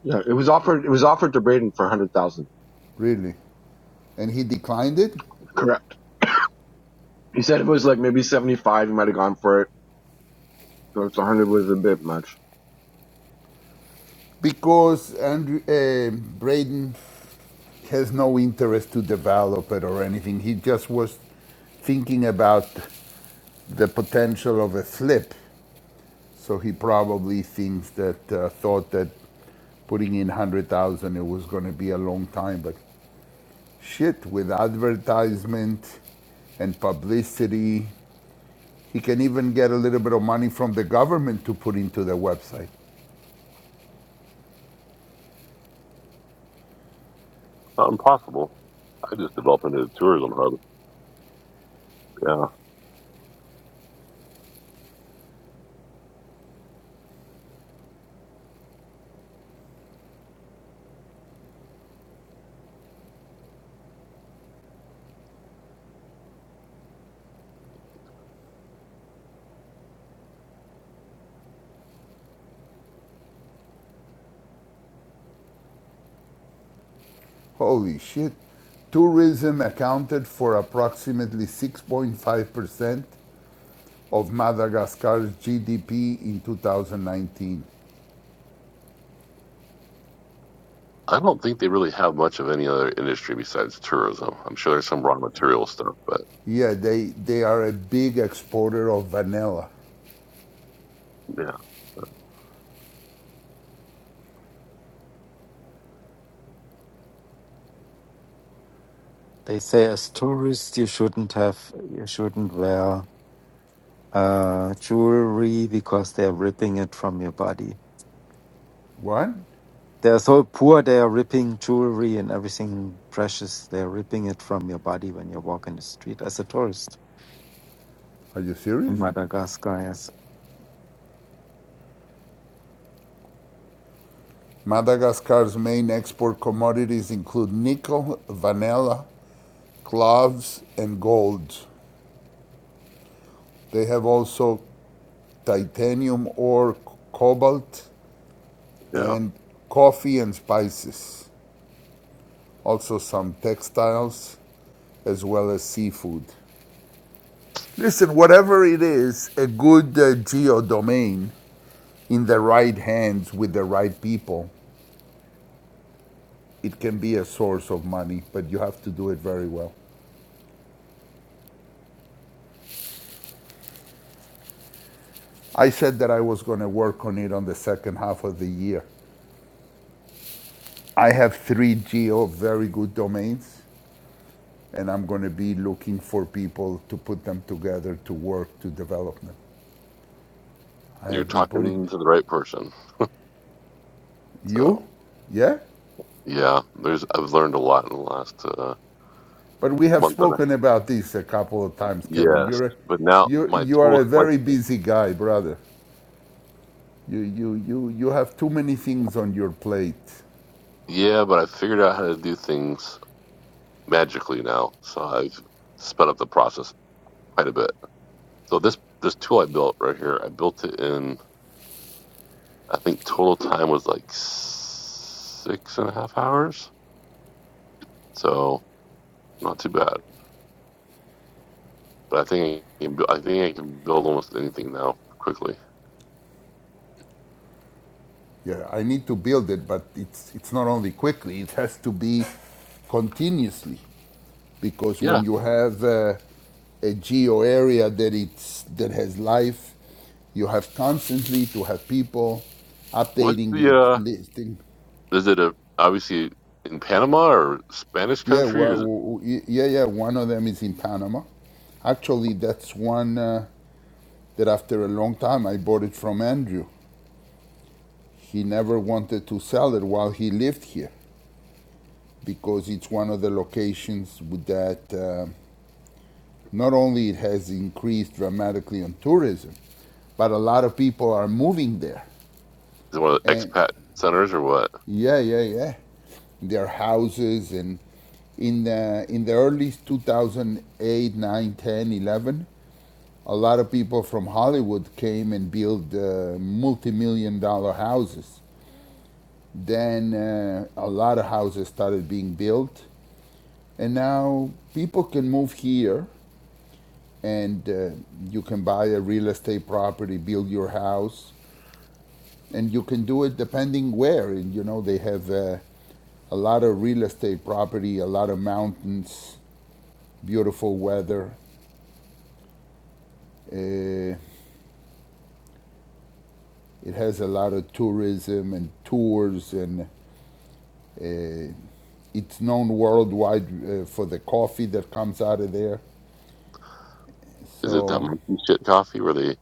S4: Yeah, it was offered. It was offered to Braden for a hundred thousand.
S3: Really. And he declined it?
S4: Correct. He said it was like maybe seventy five. He might have gone for it. So it's 100 was a bit much.
S3: Because Andrew, uh, Braden has no interest to develop it or anything. He just was thinking about the potential of a flip. So he probably thinks that uh, thought that putting in one hundred thousand it was going to be a long time, but shit with advertisement and publicity, he can even get a little bit of money from the government to put into the website.
S1: Not impossible. I just developed into a tourism hub. Yeah.
S3: Holy shit. Tourism accounted for approximately 6.5% of Madagascar's GDP in 2019.
S1: I don't think they really have much of any other industry besides tourism. I'm sure there's some raw material stuff, but
S3: Yeah, they, they are a big exporter of vanilla.
S1: yeah,
S2: They say as tourists you shouldn't have you shouldn't wear uh, jewelry because they're ripping it from your body.
S3: What?
S2: They're so poor they are ripping jewelry and everything precious. They're ripping it from your body when you walk in the street as a tourist
S3: Are you
S2: in
S3: serious?
S2: Madagascar. Yes,
S3: Madagascar's main export commodities include nickel, vanilla, cloves, and gold. They have also titanium ore, cobalt,
S1: yeah.
S3: and coffee and spices. also some textiles, as well as seafood. Listen, whatever it is, a good uh, geo domain in the right hands with the right people, it can be a source of money, but you have to do it very well. I said that I was going to work on it on the second half of the year. I have three geo very good domains, and I'm going to be looking for people to put them together to work to develop them. I
S1: You're
S3: have been putting
S1: talking to the right person.
S3: you,
S1: So
S3: yeah?
S1: yeah, there's I've learned a lot in the last uh,
S3: But we have
S1: month and a
S3: spoken about this a couple of times, Kevin.
S1: yes.
S3: You're a,
S1: But now
S3: you
S1: my
S3: you are
S1: tools,
S3: a
S1: my
S3: very busy guy, brother. You you you you have too many things on your plate.
S1: yeah, but I figured out how to do things magically now. So I've sped up the process quite a bit. So this this tool I built right here, I built it in I think total time was like six and a half hours. So not too bad. But I think I can, bu- I think I can build almost anything now quickly.
S3: Yeah, I need to build it, but it's it's not only quickly; it has to be continuously. Because
S1: Yeah.
S3: when you have uh, a geo area that it's that has life, you have constantly to have people
S1: What's
S3: updating
S1: the
S3: it,
S1: uh?
S3: listing.
S1: Is it a obviously in Panama or Spanish
S3: Yeah,
S1: country?
S3: well,
S1: Or is it,
S3: w- w- yeah, yeah. One of them is in Panama. Actually, that's one uh, that after a long time I bought it from Andrew. He never wanted to sell it while he lived here because it's one of the locations with that uh, not only it has increased dramatically on tourism, but a lot of people are moving there.
S1: is it one of the
S3: And
S1: expat centers or what?
S3: yeah, yeah, yeah, their houses and in the in the early 2008, 9, 10, 11 a lot of people from Hollywood came and built uh, multi-million dollar houses. Then uh, a lot of houses started being built, and now people can move here and uh, you can buy a real estate property, build your house, and you can do it depending where. And you know they have uh, a lot of real estate property, a lot of mountains, beautiful weather. Uh, it has a lot of tourism and tours and uh, It's known worldwide uh, for the coffee that comes out of there.
S1: Is it that
S3: So,
S1: monkey shit coffee where they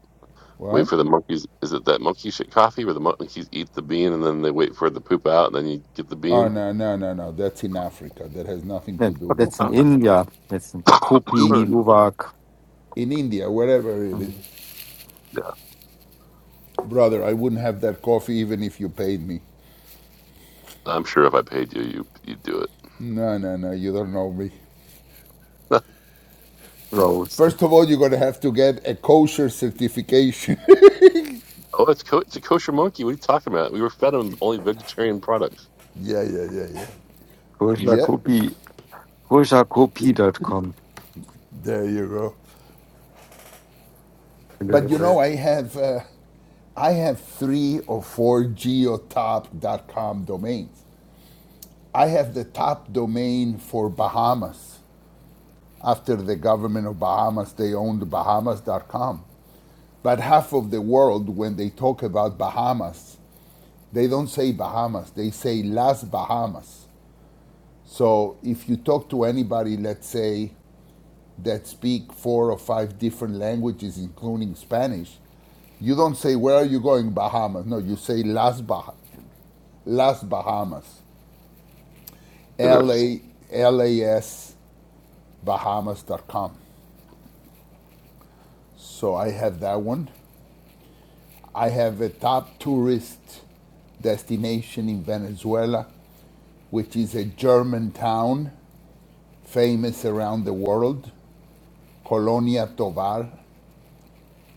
S1: wait
S3: what?
S1: for the monkeys? Is it that monkey shit coffee where the monkeys eat the bean and then they wait for it to poop out and then you get the
S3: Oh,
S1: bean?
S3: no, no, no, no. That's in Africa. That has nothing to
S2: that,
S3: do with
S2: that's in
S3: Panama.
S2: India. That's in the Kopi
S3: I,
S1: yeah,
S2: Luwak
S3: in India, wherever it is.
S2: mm,
S3: Brother, I wouldn't have that coffee even if you paid me.
S1: I'm sure if I paid you, you you'd do it.
S3: No, no, no. You don't know me.
S2: roads.
S3: First of all, you're going to have to get a kosher certification.
S1: Oh, it's co- it's a kosher monkey. What are you talking about? We were fed him only vegetarian products.
S3: yeah, yeah, yeah, yeah. Yep.
S2: Kushakopi, kushakopi.com.
S3: There you go. But you know, I have uh, I have three or four geotop dot com domains. I have the top domain for Bahamas. After the government of Bahamas, they owned Bahamas dot com. But half of the world, when they talk about Bahamas, they don't say Bahamas, they say Las Bahamas. So if you talk to anybody, let's say that speak four or five different languages, including Spanish, you don't say, Where are you going, Bahamas? No, you say Las, bah- Las Bahamas, L
S1: Interesting.
S3: A L A S Bahamas dot com. So I have that one. I have a top tourist destination in Venezuela, which is a German town famous around the world, Colonia Tovar.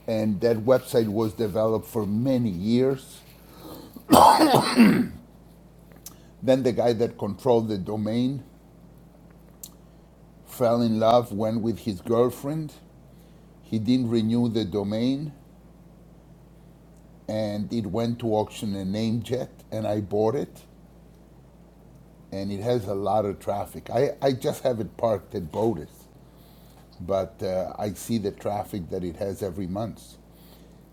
S3: And that website was developed for many years Then the guy that controlled the domain fell in love, went with his girlfriend. He didn't renew the domain, and it went to auction in Namejet, and I bought it, and it has a lot of traffic. I, I just have it parked at Bodas, but uh, I see the traffic that it has every month.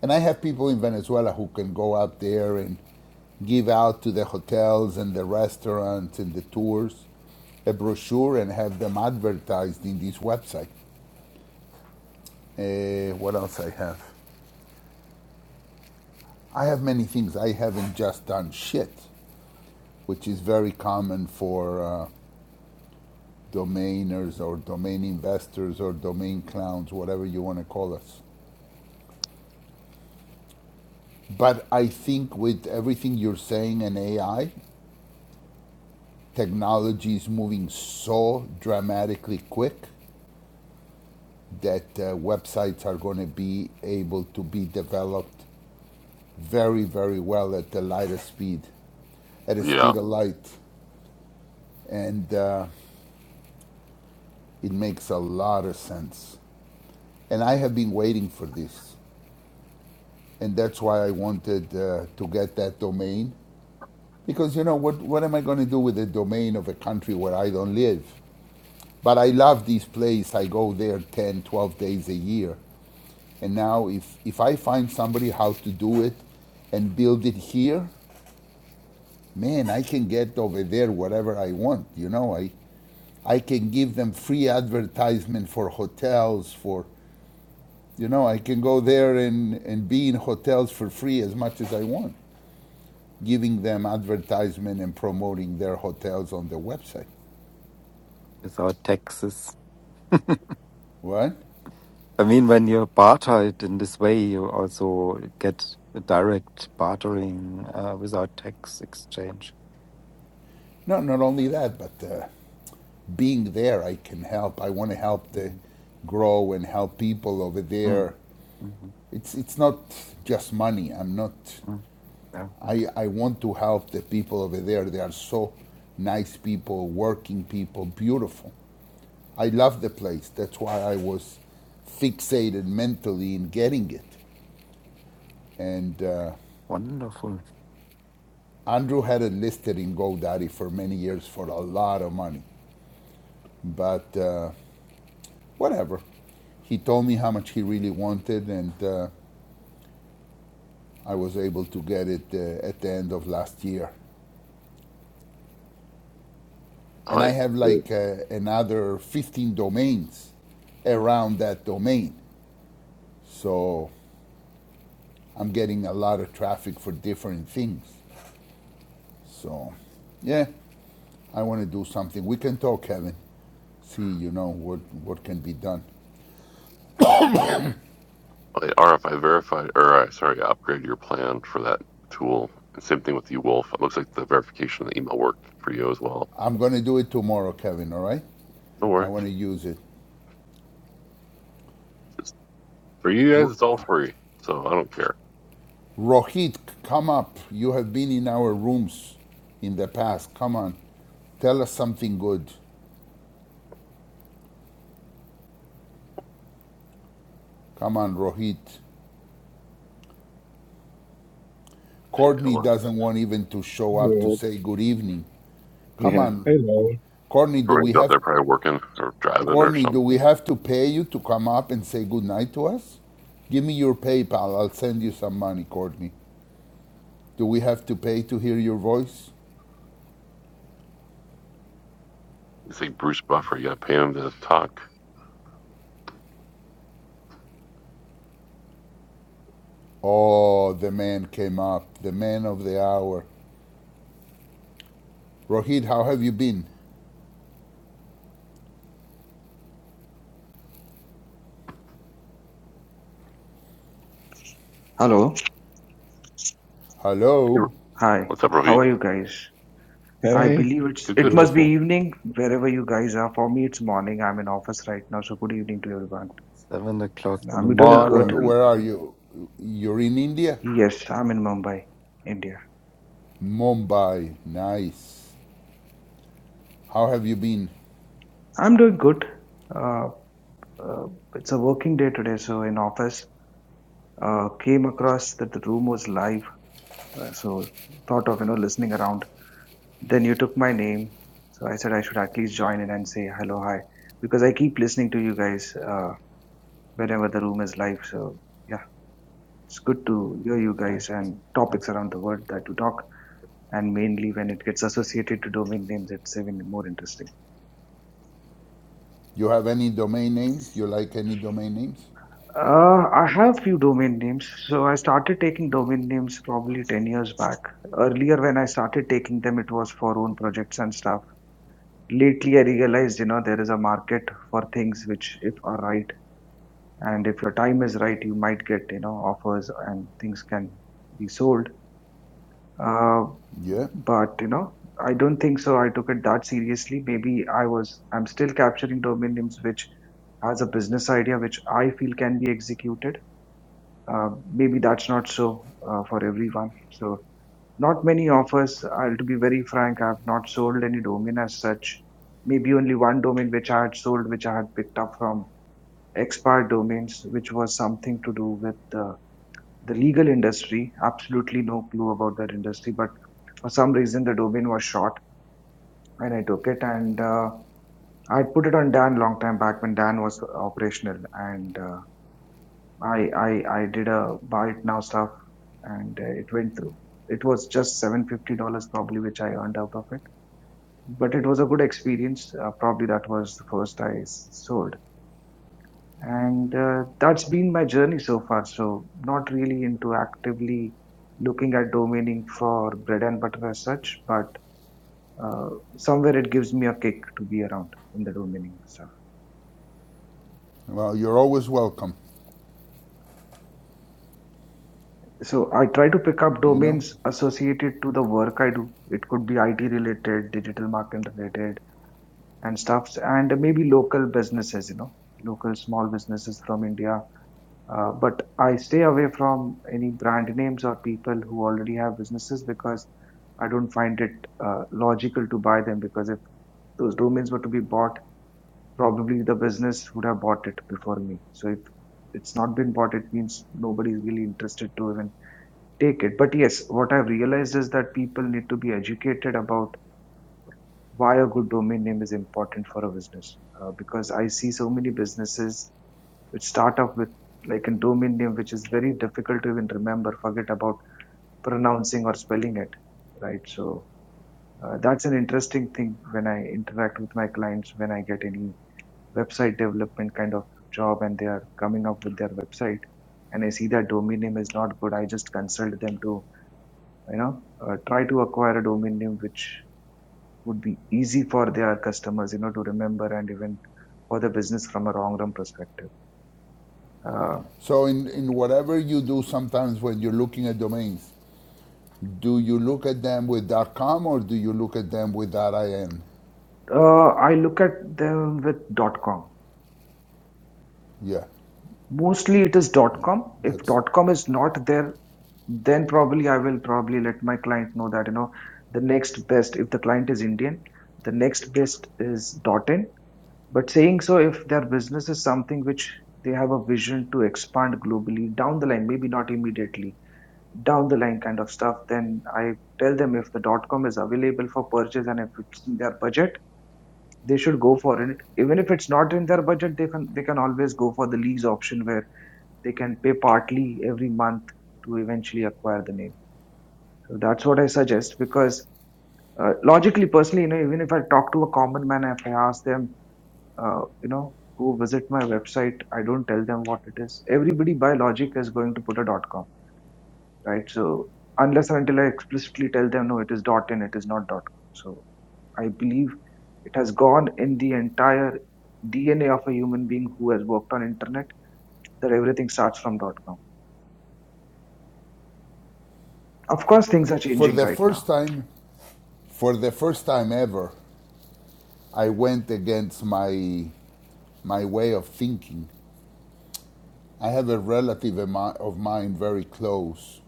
S3: And I have people in Venezuela who can go out there and give out to the hotels and the restaurants and the tours a brochure and have them advertised in this website. Uh, what else I have? I have many things. I haven't just done shit, which is very common for uh, domainers or domain investors or domain clowns, whatever you want to call us. But I think with everything you're saying and AI, technology is moving so dramatically quick that uh, websites are going to be able to be developed very, very well at the light of speed, at the
S1: Yeah.
S3: speed of light. And uh, It makes a lot of sense. And I have been waiting for this. And that's why I wanted uh, to get that domain. Because, you know, what, what am I going to do with the domain of a country where I don't live? But I love this place. I go there 10, 12 days a year. And now, if, if I find somebody how to do it and build it here, man, I can get over there whatever I want. You know, I, I can give them free advertisement for hotels, for You know, I can go there and, and be in hotels for free as much as I want, giving them advertisement and promoting their hotels on their website.
S2: Without taxes.
S3: What?
S2: I mean, when you barter it in this way, you also get a direct bartering uh, without tax exchange.
S3: No, not only that, but uh, being there, I can help. I want to help the
S2: Mhm.
S3: grow and help people over
S2: Mhm.
S3: there.
S2: Mhm.
S3: It's it's not just money. I'm not.
S2: mm. Very good.
S3: I I want to help the people over there. They are so nice people, working people, beautiful. I love the place. That's why I was fixated mentally in getting it. And uh,
S2: Wonderful.
S3: Andrew had it listed in GoDaddy for many years for a lot of money. But uh, whatever. He told me how much he really wanted, and uh, I was able to get it uh, at the end of last year.
S1: Oh,
S3: And I
S1: wait.
S3: have like uh, another 15 domains around that domain. So I'm getting a lot of traffic for different things. So, yeah, I want to do something. We can talk, Kevin. See, you know, what, what can be done.
S1: Oh, wait. RFI verified, or uh, sorry, upgrade your plan for that tool. And same thing with you, Wolf. It looks like the verification of the email worked for you as well.
S3: I'm going to do it tomorrow, Kevin, all right?
S1: Don't worry.
S3: I want to use it.
S1: It's- for you guys,
S3: R-
S1: it's all free. So I don't care.
S3: Rohit, come up. You have been in our rooms in the past. Come on. Tell us something good. Come on, Rohit. Courtney doesn't want even to show up to
S4: Yeah.
S3: say good evening. Come
S4: Yeah. Hey,
S3: on,
S4: Larry.
S3: Courtney. Do we
S1: Corinne's out
S3: have
S1: there probably working or driving or
S3: Courtney? Do we
S1: something.
S3: have to pay you to come up and say good night to us? Give me your PayPal. I'll send you some money, Courtney. Do we have to pay to hear your voice?
S1: You see Bruce Buffer, you gotta pay him to talk.
S3: Oh, the man came up, the man of the hour. Rohit, how have you been?
S5: Hello.
S1: Hey,
S3: Hello.
S5: Hi.
S1: what's up,
S5: How
S1: Rohit?
S5: are you guys? I
S4: Hey.
S5: believe it's
S1: Good,
S5: it
S1: good.
S5: must be
S3: Beautiful.
S5: evening wherever you guys are. For me, it's morning. I'm in office right now, so good evening to everyone.
S2: Seven o'clock
S5: And
S2: in the
S5: I'm
S3: Where,
S5: doing
S1: Yeah.
S5: good.
S3: where,
S2: morning.
S3: where are you? You're in India?
S5: Yes, I'm in Mumbai, India.
S3: Mumbai. Nice. How have you been?
S5: I'm doing good. Uh, uh, it's a working day today, so in office. Uh, came across that the room was live, uh, so thought of you know listening around. Then you took my name, so I said I should at least join in and say hello, hi, because I keep listening to you guys uh, whenever the room is live. So yeah it's good to hear you
S2: Nice.
S5: guys and
S2: nice.
S5: topics around the world that you talk and mainly when it gets associated to domain names it's even more interesting
S3: You have any domain names? You like any domain names?
S5: uh, i have few domain names so i started taking domain names probably 10 years back earlier when i started taking them it was for own projects and stuff lately i realized you know there is a market for things which if are right and if your time is right you might get you know offers and things can be sold Uh,
S3: Yeah.
S5: But you know, I don't think so. I took it that seriously. Maybe I was. I'm still capturing domain names which has a business idea which I feel can be executed. Uh, maybe that's not so uh, for everyone. So not many of us. I'll to be very frank. I've not sold any domain as such. Maybe only one domain which I had sold, which I had picked up from expired domains, which was something to do with the, the legal industry. Absolutely no clue about that industry, but for some reason the domain was short and I took it and uh, I put it on Dan long time back when Dan was operational and uh, I, I I did a buy it now stuff and uh, it went through. It was just seven fifty dollars probably which I earned out of it, but it was a good experience. Uh, probably that was the first I s- sold, and uh, that's been my journey so far. So not really into actively looking at domaining for bread and butter as such, but uh, somewhere it gives me a kick to be around in the domaining stuff.
S3: Well, you're always welcome,
S5: So I try to pick up
S3: you know?
S5: domains associated to the work I do. It could be IT related, digital marketing related, and stuffs, and maybe local businesses, you know, local small businesses from India. Uh, but I stay away from any brand names or people who already have businesses because I don't find it uh, logical to buy them because if those domains were to be bought, probably the business would have bought it before me. So if it's not been bought, it means nobody's really interested to even take it. But yes, what I've realized is that people need to be educated about why a good domain name is important for a business. Uh, because I see so many businesses which start off with like a domain name which is very difficult to even remember, forget about pronouncing or spelling it, right? So uh, that's an interesting thing when I interact with my clients, when I get any website development kind of job and they are coming up with their website and I see that domain name is not good, I just consult them to you know uh, try to acquire a domain name which would be easy for their customers you know to remember and even for the business from a long run perspective uh,
S3: So, in, in whatever you do, sometimes when you're looking at domains, Do you look at them with .com or do you look at them with .in?
S5: uh, i look at them with com
S3: Yeah,
S5: mostly it is
S3: yeah.
S5: com if
S3: That's
S5: com is not there then probably i will probably let my client know that you know the next best if the client is indian the next best is in but saying so if their business is something which they have a vision to expand globally down the line maybe not immediately down the line kind of stuff then i tell them if the dot com is available for purchase and if it's in their budget they should go for it even if it's not in their budget they can they can always go for the lease option where they can pay partly every month to eventually acquire the name so that's what i suggest because uh, logically personally you know even if i talk to a common man if i ask them uh, you know go visit my website i don't tell them what it is everybody by logic is going to put a dot com right? So unless and until I explicitly tell them no, it is dot in, it is not com. So I believe it has gone in the entire DNA of a human being who has worked on internet that everything starts from com. Of course, things are
S3: for
S5: changing
S3: the
S5: right now.
S3: first time. For the first time ever, I went against my my way of thinking. I have a relative of mine very close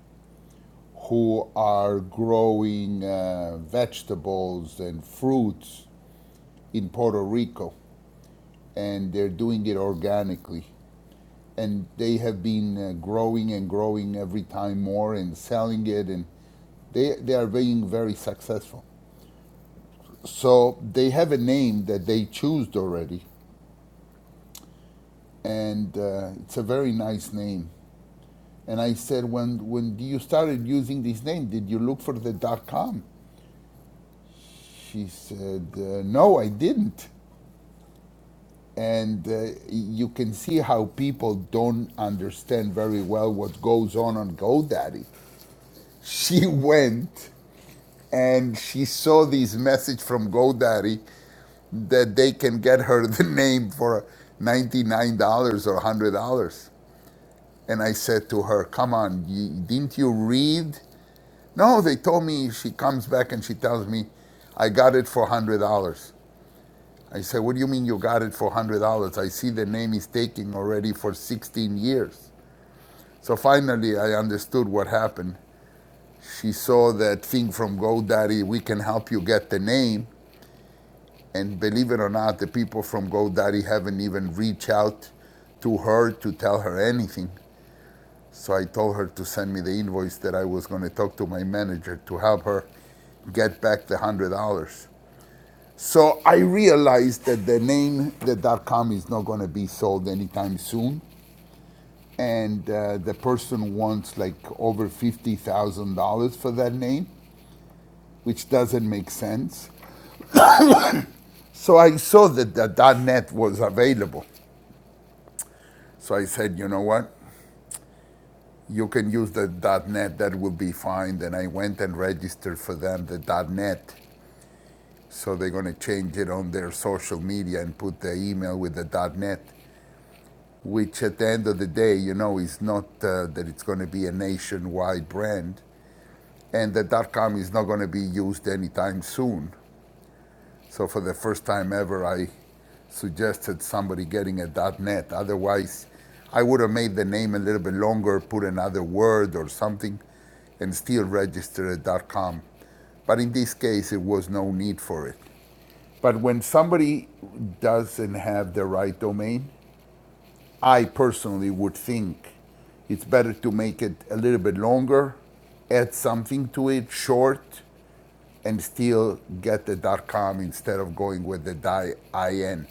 S3: who are growing uh, vegetables and fruits in Puerto Rico, and they're doing it organically and they have been uh, growing and growing every time more and selling it and they they are being very successful so they have a name that they chose already and uh, it's a very nice name and i said when when you started using this name did you look for the com she said uh, no i didn't and uh, you can see how people don't understand very well what goes on on godaddy she went and she saw this message from GoDaddy that they can get her the name for $99 or $100. And I said to her, Come on, you, didn't you read? No, they told me she comes back and she tells me, I got it for $100. I said, What do you mean you got it for $100? I see the name is taking already for 16 years. So finally, I understood what happened. She saw that thing from GoDaddy, we can help you get the name. And believe it or not, the people from GoDaddy haven't even reached out to her to tell her anything. So I told her to send me the invoice that I was going to talk to my manager to help her get back the $100. So I realized that the name, the .com, is not going to be sold anytime soon. And uh, the person wants like over $50,000 for that name, which doesn't make sense. So I saw that the .net was available. So I said, you know what? You can use the .NET. That will be fine. Then I went and registered for them the .NET. So they're going to change it on their social media and put the email with the .NET, which at the end of the day, you know, is not uh, that it's going to be a nationwide brand, and the .com is not going to be used anytime soon. So for the first time ever, I suggested somebody getting a .net. Otherwise, I would have made the name a little bit longer, put another word or something, and still register a .com. But in this case, it was no need for it. But when somebody doesn't have the right domain, I personally would think it's better to make it a little bit longer, add something to it, short, and still get the .com instead of going with the .in.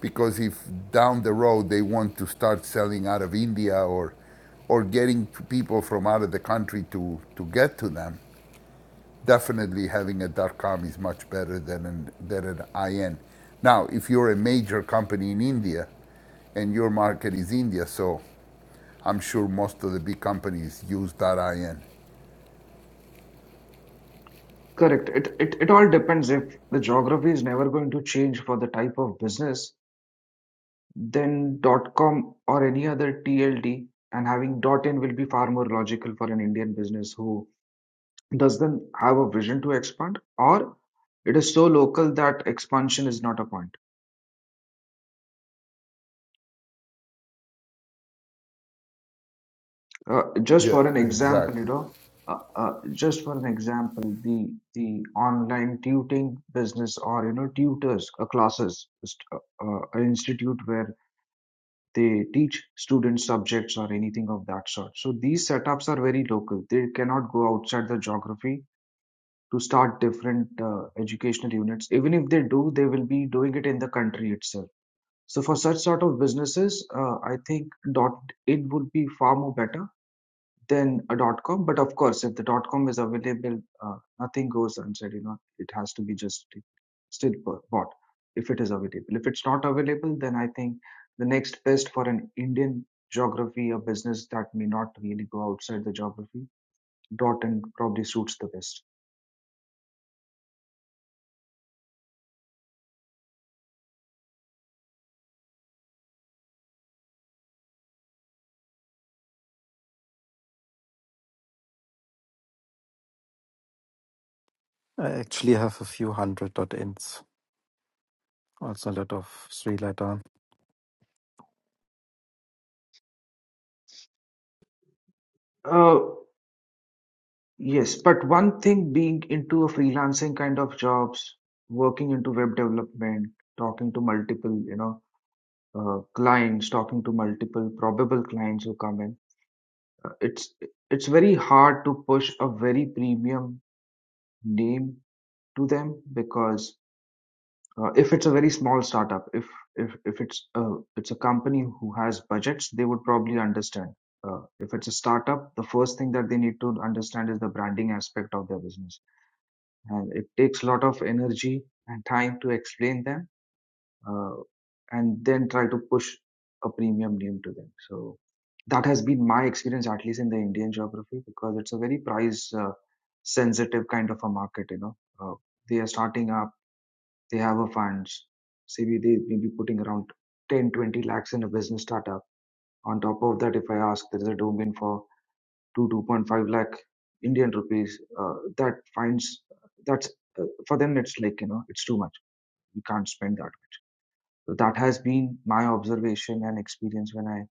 S3: Because if down the road they want to start selling out of India or or getting people from out of the country to, to get to them, definitely having a .com is much better than an, than an IN. Now, if you're a major company in India and your market is India, so I'm sure most of the big companies use .in.
S5: Correct. It, it it all depends. If the geography is never going to change for the type of business, then com or any other TLD and having dot in will be far more logical for an Indian business who does not have a vision to expand, or it is so local that expansion is not a point. Uh, just
S3: Yeah,
S5: for an example, you
S3: exactly.
S5: know, uh, uh, just for an example, the the online tutoring business or you know tutors uh, classes, just, uh, uh, an institute where they teach students subjects or anything of that sort. So these setups are very local. They cannot go outside the geography to start different uh, educational units. Even if they do, they will be doing it in the country itself So for such sort of businesses, uh, I think dot in would be far more better than a dot com. But of course, if the dot com is available, uh, nothing goes unsaid. You know, it has to be just still bought if it is available. If it's not available, then I think the next best for an Indian geography a business that may not really go outside the geography, dot and probably suits the best.
S2: I actually have a few hundred dot ins. Also a lot of three letter.
S5: Uh, Yes, but one thing being into a freelancing kind of jobs, working into web development, talking to multiple, you know, uh, clients, talking to multiple probable clients who come in, uh, it's it's very hard to push a very premium name to them because uh, if it's a very small startup, if if if it's a it's a company who has budgets, they would probably understand. Uh, if it's a startup, the first thing that they need to understand is the branding aspect of their business and it takes a lot of energy and time to explain them uh, and then try to push a premium name to them so that has been my experience at least in the indian geography because it's a very price uh, sensitive kind of a market you know uh, they are starting up they have a funds maybe they may be putting around 10 20 lakhs in a business startup on top of that if i ask there is a domain for to 2.5 lakh Indian rupees, uh, that finds that's uh, for them it's like you know it's too much. We can't spend that. So that has been my observation and experience when I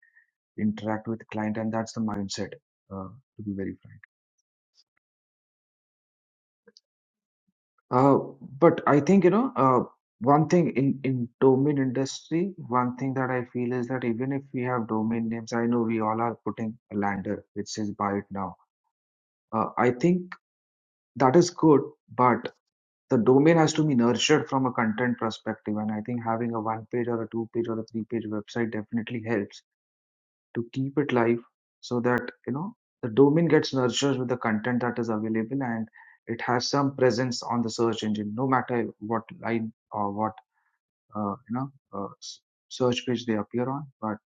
S5: interact with client, and that's the mindset. Uh, to be very frank, uh, but I think you know uh, one thing in in domain industry, one thing that I feel is that even if we have domain names, I know we all are putting a lander which says buy it now. Uh, I think that is good, but the domain has to be nurtured from a content perspective and i think having a one page or a two page or a three page website definitely helps to keep it live so that you know the domain gets nurtured with the content that is available and it has some presence on the search engine no matter what line or what uh, you know uh, search page they appear on but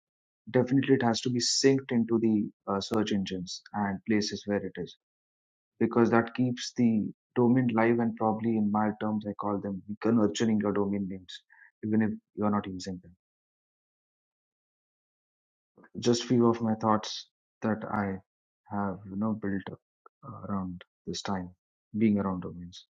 S5: definitely it has to be synced into the uh, search engines and places where it is because that keeps the domain live and probably in my terms i call them nurturing your domain names even if you're not using them just few of my thoughts that i have you know built up uh, around this time being around domains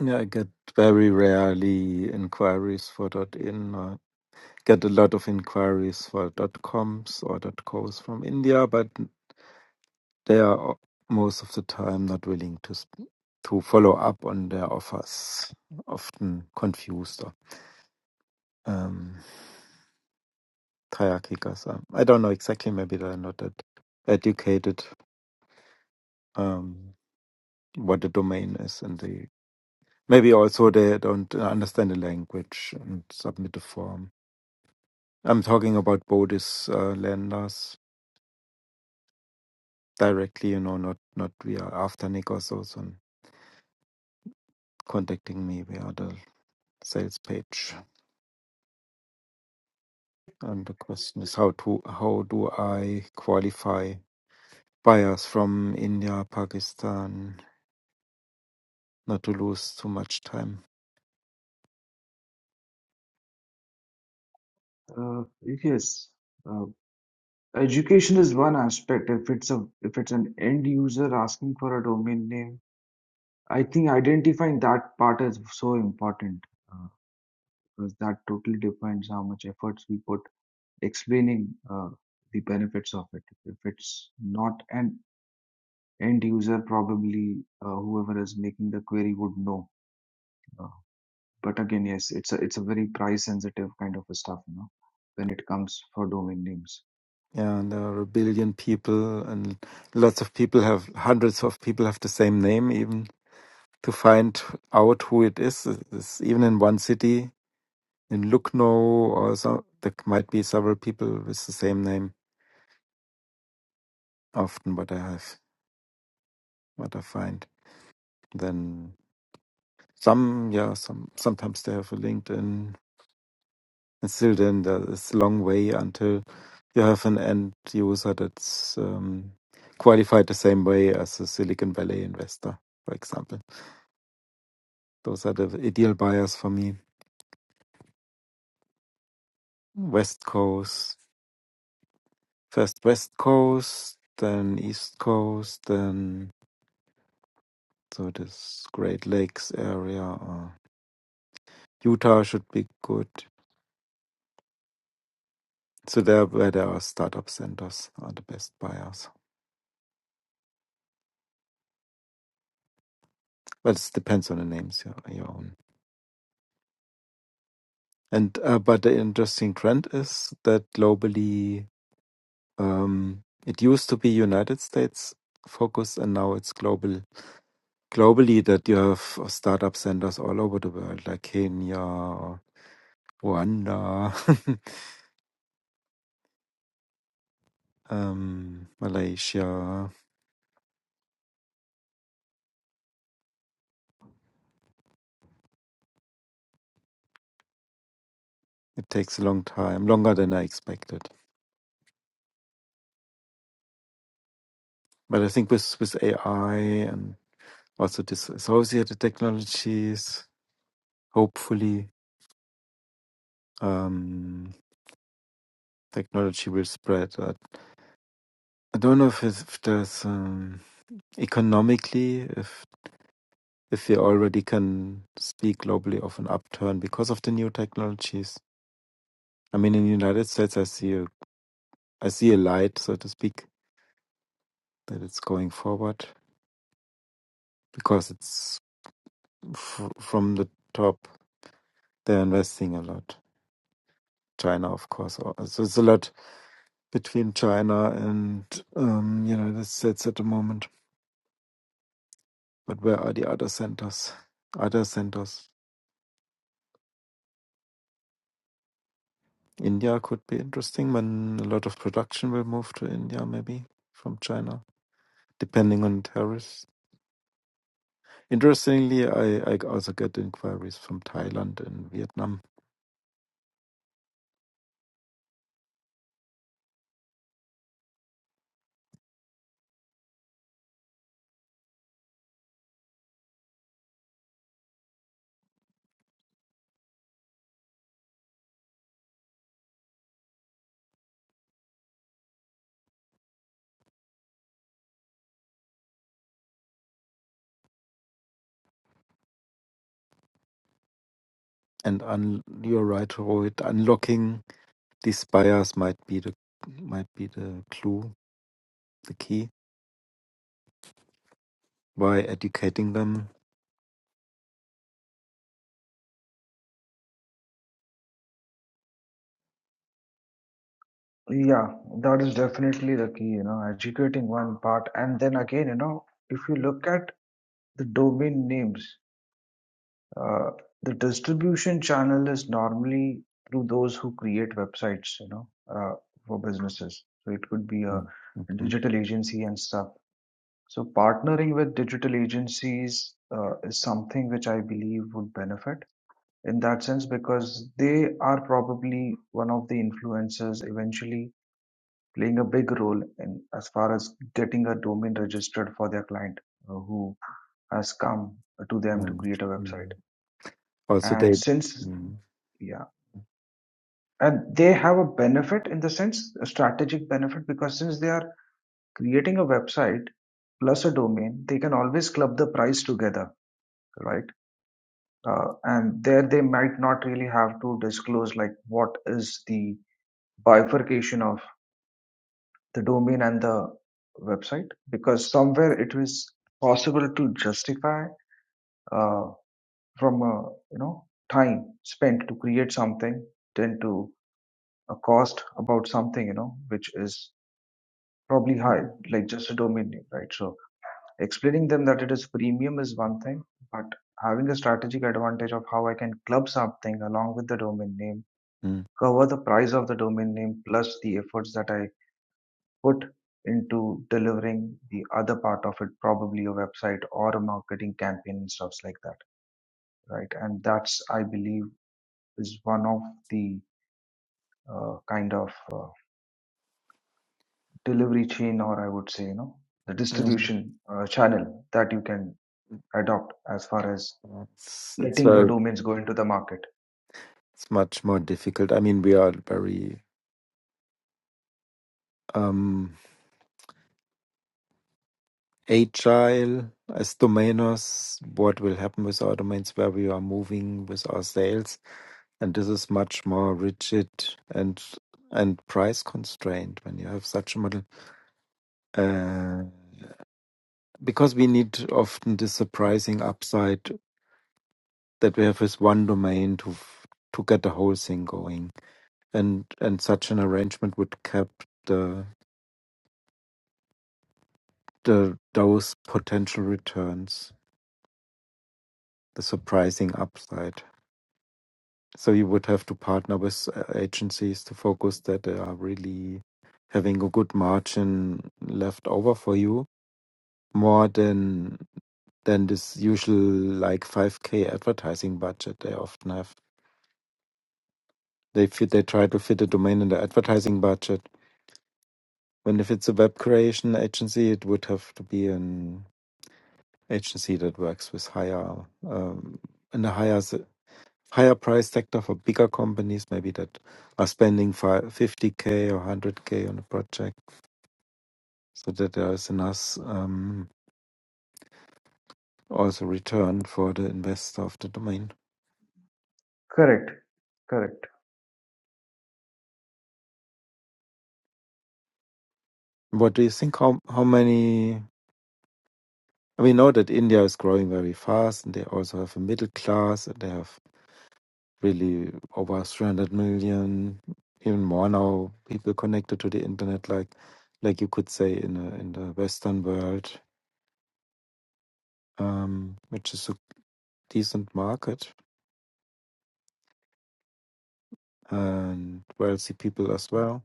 S2: Yeah, I get very rarely inquiries for dot in. I get a lot of inquiries for dot coms or dot cos from India, but they are most of the time not willing to s- to follow up on their offers, often confused or um, hierarchical. So I don't know exactly. Maybe they're not that educated um, what the domain is, and they maybe also they don't understand the language and submit the form. I'm talking about Bodhis uh, lenders directly, you know, not not via Afternic or so, so contacting me via the sales page. And the question is how to how do I qualify buyers from India, Pakistan, not to lose too much time.
S5: uh, yes uh, education is one aspect if it's a if it's an end user asking for a domain name i think identifying that part is so important uh, because that totally defines how much efforts we put explaining uh, the benefits of it. If it's not an end user, probably uh, whoever is making the query would know. Uh, but again, yes, it's a it's a very price sensitive kind of a stuff, you know, when it comes for domain names.
S2: Yeah, and there are a billion people, and lots of people have hundreds of people have the same name. Even to find out who it is, is even in one city in Lucknow or so, there might be several people with the same name. Often, what I have, what I find, then some, yeah, some sometimes they have a LinkedIn And still then, there is a long way until you have an end user that's um, qualified the same way as a Silicon Valley investor, for example. Those are the ideal buyers for me. West Coast, first West Coast, then East Coast, then so this Great Lakes area. Or Utah should be good. So there, where there are startup centers, are the best buyers. But it depends on the names you, you own. And uh, but the interesting trend is that globally, um, it used to be United States focus, and now it's global. Globally, that you have uh, startup centers all over the world, like Kenya, Rwanda, um, Malaysia. It takes a long time, longer than I expected. But I think with with AI and also disassociated technologies, hopefully, um, technology will spread. Uh, I don't know if it's, if there's um, economically if if we already can speak globally of an upturn because of the new technologies. I mean, in the United States, I see a I see a light, so to speak, that it's going forward because it's f- from the top. They're investing a lot. China, of course, al- so it's a lot between China and um, United States at the moment. But where are the other centers? Other centers India could be interesting when a lot of production will move to India, maybe from China, depending on tariffs. Interestingly, I, I also get inquiries from Thailand and Vietnam. And un, you're right, Rohit, unlocking these buyers might be the might be the clue, the key, by educating them.
S5: Yeah, that is definitely the key, you know, educating one part. And then again, you know, if you look at the domain names, Uh, the distribution channel is normally through those who create websites, you know, uh, for businesses. So it could be a
S2: Mm, okay.
S5: digital agency and stuff. So partnering with digital agencies uh, is something which I believe would benefit in that sense because they are probably one of the influencers eventually playing a big role in as far as getting a domain registered for their client uh, who has come to them to
S2: Mm,
S5: create a
S2: mm.
S5: website.
S2: Also,
S5: And
S2: they.
S5: since
S2: Mm.
S5: yeah and they have a benefit in the sense a strategic benefit because since they are creating a website plus a domain they can always club the price together right uh, and there they might not really have to disclose like what is the bifurcation of the domain and the website because somewhere it was possible to justify uh, from a you know time spent to create something then to a cost about something you know which is probably high,
S2: Mm.
S5: like just a domain name, right? So explaining them that it is premium is one thing, but having a strategic advantage of how I can club something along with the domain name, cover the price of the domain name plus the efforts that I put into delivering the other part of it, probably a website or a marketing campaign and stuff like that, right? And that's, I believe, is one of the uh, kind of uh, delivery chain, or I would say, you know, the
S2: Mm.
S5: distribution uh, channel that you can adopt as far as
S2: It's, it's
S5: letting your
S2: very
S5: domains go into the market.
S2: it's much more difficult. I mean, we are very um, agile as domainers, what will happen with our domains, where we are moving with our sales. And this is much more rigid and and price constrained when you have such a model. Uh, because we need often this surprising upside that we have with one domain to f- to get the whole thing going. And and such an arrangement would cap the the those potential returns, the surprising upside. So you would have to partner with uh, agencies to focus that they are really having a good margin left over for you, more than than this usual like 5k advertising budget they often have. They fit, they try to fit a domain in the advertising budget. When if it's a web creation agency, it would have to be an agency that works with higher um, in a higher s- higher price sector for bigger companies, maybe that are spending fi 50K or 100K on a project so that there is enough um, also return for the investor of the domain.
S5: Correct. Correct.
S2: What do you think? How, how many? I mean, know that India is growing very fast and they also have a middle class. and They have really over 300 million, even more now, people connected to the internet, like like you could say in, a, in the Western world, um, which is a decent market and wealthy people as well.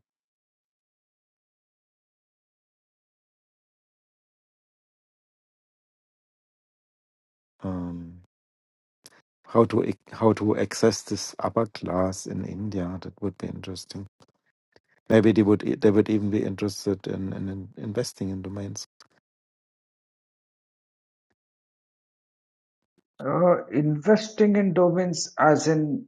S2: Um, how to ac- how to access this upper class in India? That would be interesting. Maybe they would e- they would even be interested in, in, in investing in domains
S5: Uh, investing in domains as in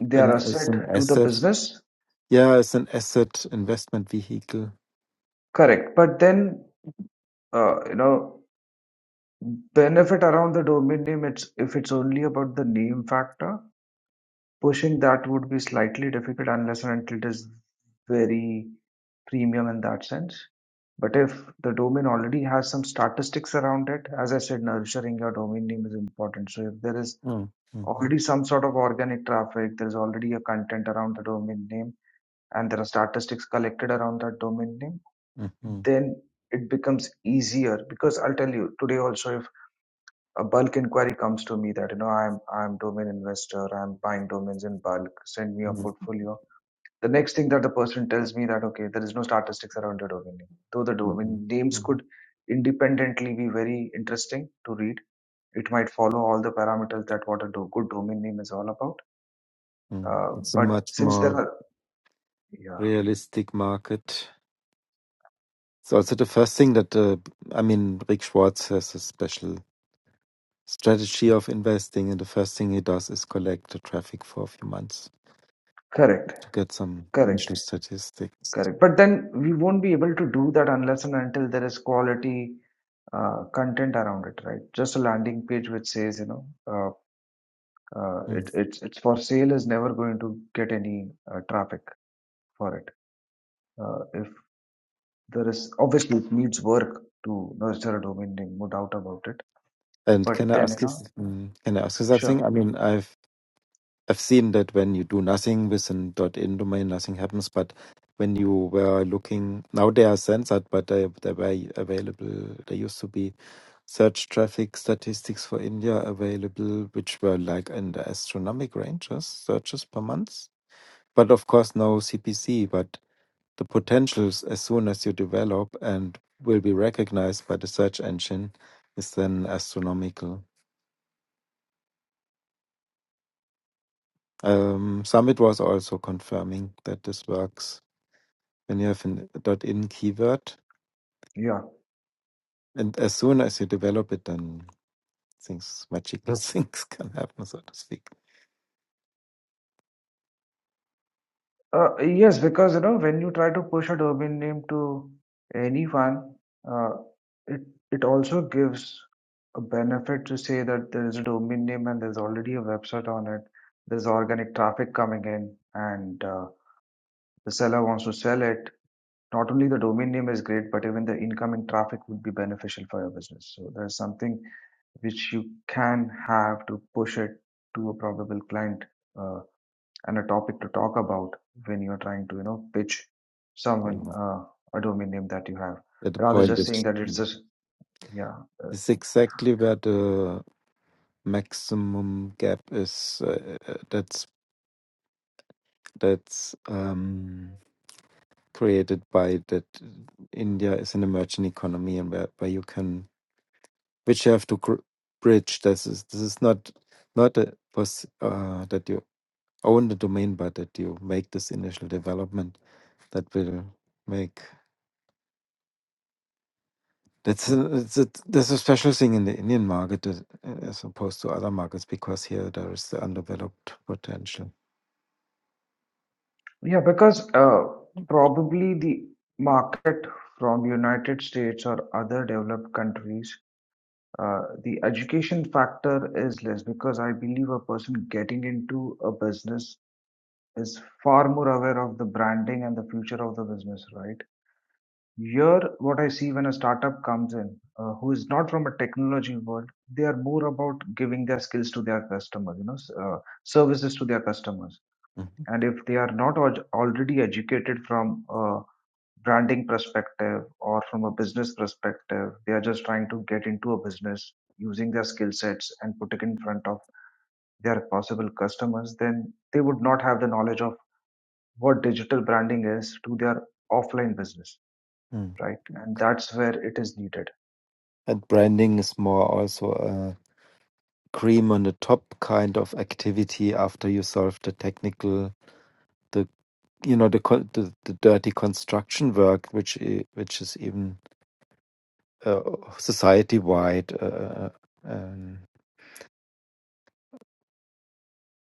S5: their
S2: in as
S5: asset
S2: an
S5: to the
S2: asset.
S5: business.
S2: Yeah, as an asset investment vehicle.
S5: Correct. But then, uh, you know, benefit around the domain name, it's if it's only about the name factor, pushing that would be slightly difficult unless and until it is very premium in that sense. But if the domain already has some statistics around it, as I said, nurturing your domain name is important. So if there is
S2: Mm, mhm,
S5: already some sort of organic traffic. There's already a content around the domain name and there are statistics collected around that domain name.
S2: mhm,
S5: Then it becomes easier because I'll tell you today also if a bulk inquiry comes to me that you know I'm I'm domain investor, I'm buying domains in bulk, send me a
S2: mhm,
S5: portfolio. The next thing that the person tells me that okay, there is no statistics around your domain name. Though the
S2: mhm,
S5: domain names
S2: mhm,
S5: could independently be very interesting to read. It might follow all the parameters that what a do- good domain name is all about
S2: mhm.
S5: Uh,
S2: It's a
S5: but
S2: much
S5: since there
S2: more
S5: are, yeah,
S2: realistic market. It's also the first thing that uh, I mean. Rick Schwartz has a special strategy of investing and the first thing he does is collect the traffic for a few months
S5: correct,
S2: to get some
S5: correct,
S2: initial statistics
S5: correct. But then we won't be able to do that unless and until there is quality uh, content around it, right? Just a landing page which says, you know, uh, uh,
S2: Mm.
S5: it, it's it's for sale is never going to get any uh, traffic for it. Uh, if there is obviously it needs work to nurture a domain name, no doubt about it.
S2: and can
S5: But
S2: i
S5: then you
S2: ask you s-
S5: know,
S2: mm, can i ask you something
S5: sure,
S2: i mean i've i've seen that when you do nothing with an dot in domain nothing happens but when you were looking now they are censored but they, they were available there used to be search traffic statistics for india available which were like in the astronomic ranges searches per month but of course no cpc but the potentials as soon as you develop and will be recognized by the search engine is then astronomical. Um, Summit was also confirming that this works when you have an .in keyword,
S5: yeah.
S2: and as soon as you develop it, then things magical things can happen, so to speak.
S5: Uh, yes, because you know when you try to push a domain name to anyone, uh, it it also gives a benefit to say that there is a domain name and there's already a website on it. There's organic traffic coming in, and uh, the seller wants to sell it. Not only the domain name is great, but even the incoming traffic would be beneficial for your business. So there's something which you can have to push it to a probable client. Uh, and a topic to talk about when you're trying to you know pitch
S2: You
S5: someone
S2: know,
S5: uh, a domain name that you have
S2: at the
S5: rather
S2: point
S5: just saying
S2: is
S5: that it's a yeah uh,
S2: is exactly where the maximum gap is. Uh, uh, that's that's um, created by that India is an emerging economy and where, where you can which you have to gr- bridge this is this is not not a pos- uh, that you own the domain but that you make this initial development that will make that's a, it's a, there's a special thing in the Indian market as as opposed to other markets because here there is the undeveloped potential.
S5: yeah because uh, probably the market from united states or other developed countries uh, the education factor is less because i believe a person getting into a business is far more aware of the branding and the future of the business right Here, what I see when a startup comes in, uh, who is not from a technology world, they are more about giving their skills to their customers, you know, s- uh, services to their customers.
S2: Mhm.
S5: And if they are not al- already educated from a branding perspective or from a business perspective, they are just trying to get into a business using their skill sets and put it in front of their possible customers, then they would not have the knowledge of what digital branding is to their offline business,
S2: Mm.
S5: right? And that's where it is needed
S2: And branding is more also. cream on the top kind of activity after you solve the technical the you know the con- the, the dirty construction work which i- which is even uh, society wide uh, um,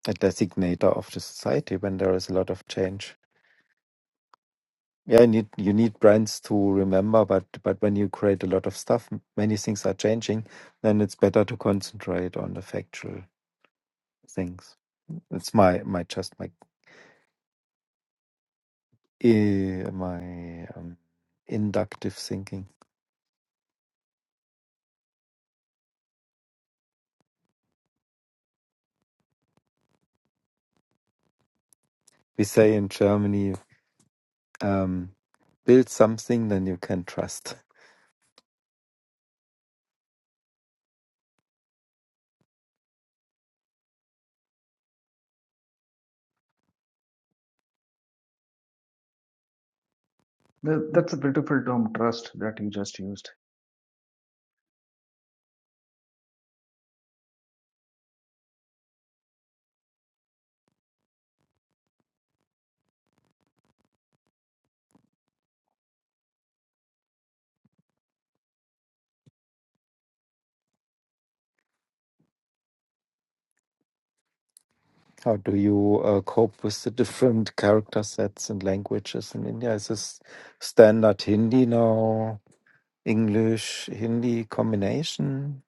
S2: a designator of the society when there is a lot of change yeah you need you need brands to remember but but when you create a lot of stuff m- many things are changing then it's better to concentrate on the factual things it's my my just my eh, my um, inductive thinking. We say in Germany, um, build something, then you can trust.
S5: Th- That's a beautiful term, trust, that you just used.
S2: How do you uh, cope with the different character sets and languages in India? Is this standard Hindi now, English Hindi combination?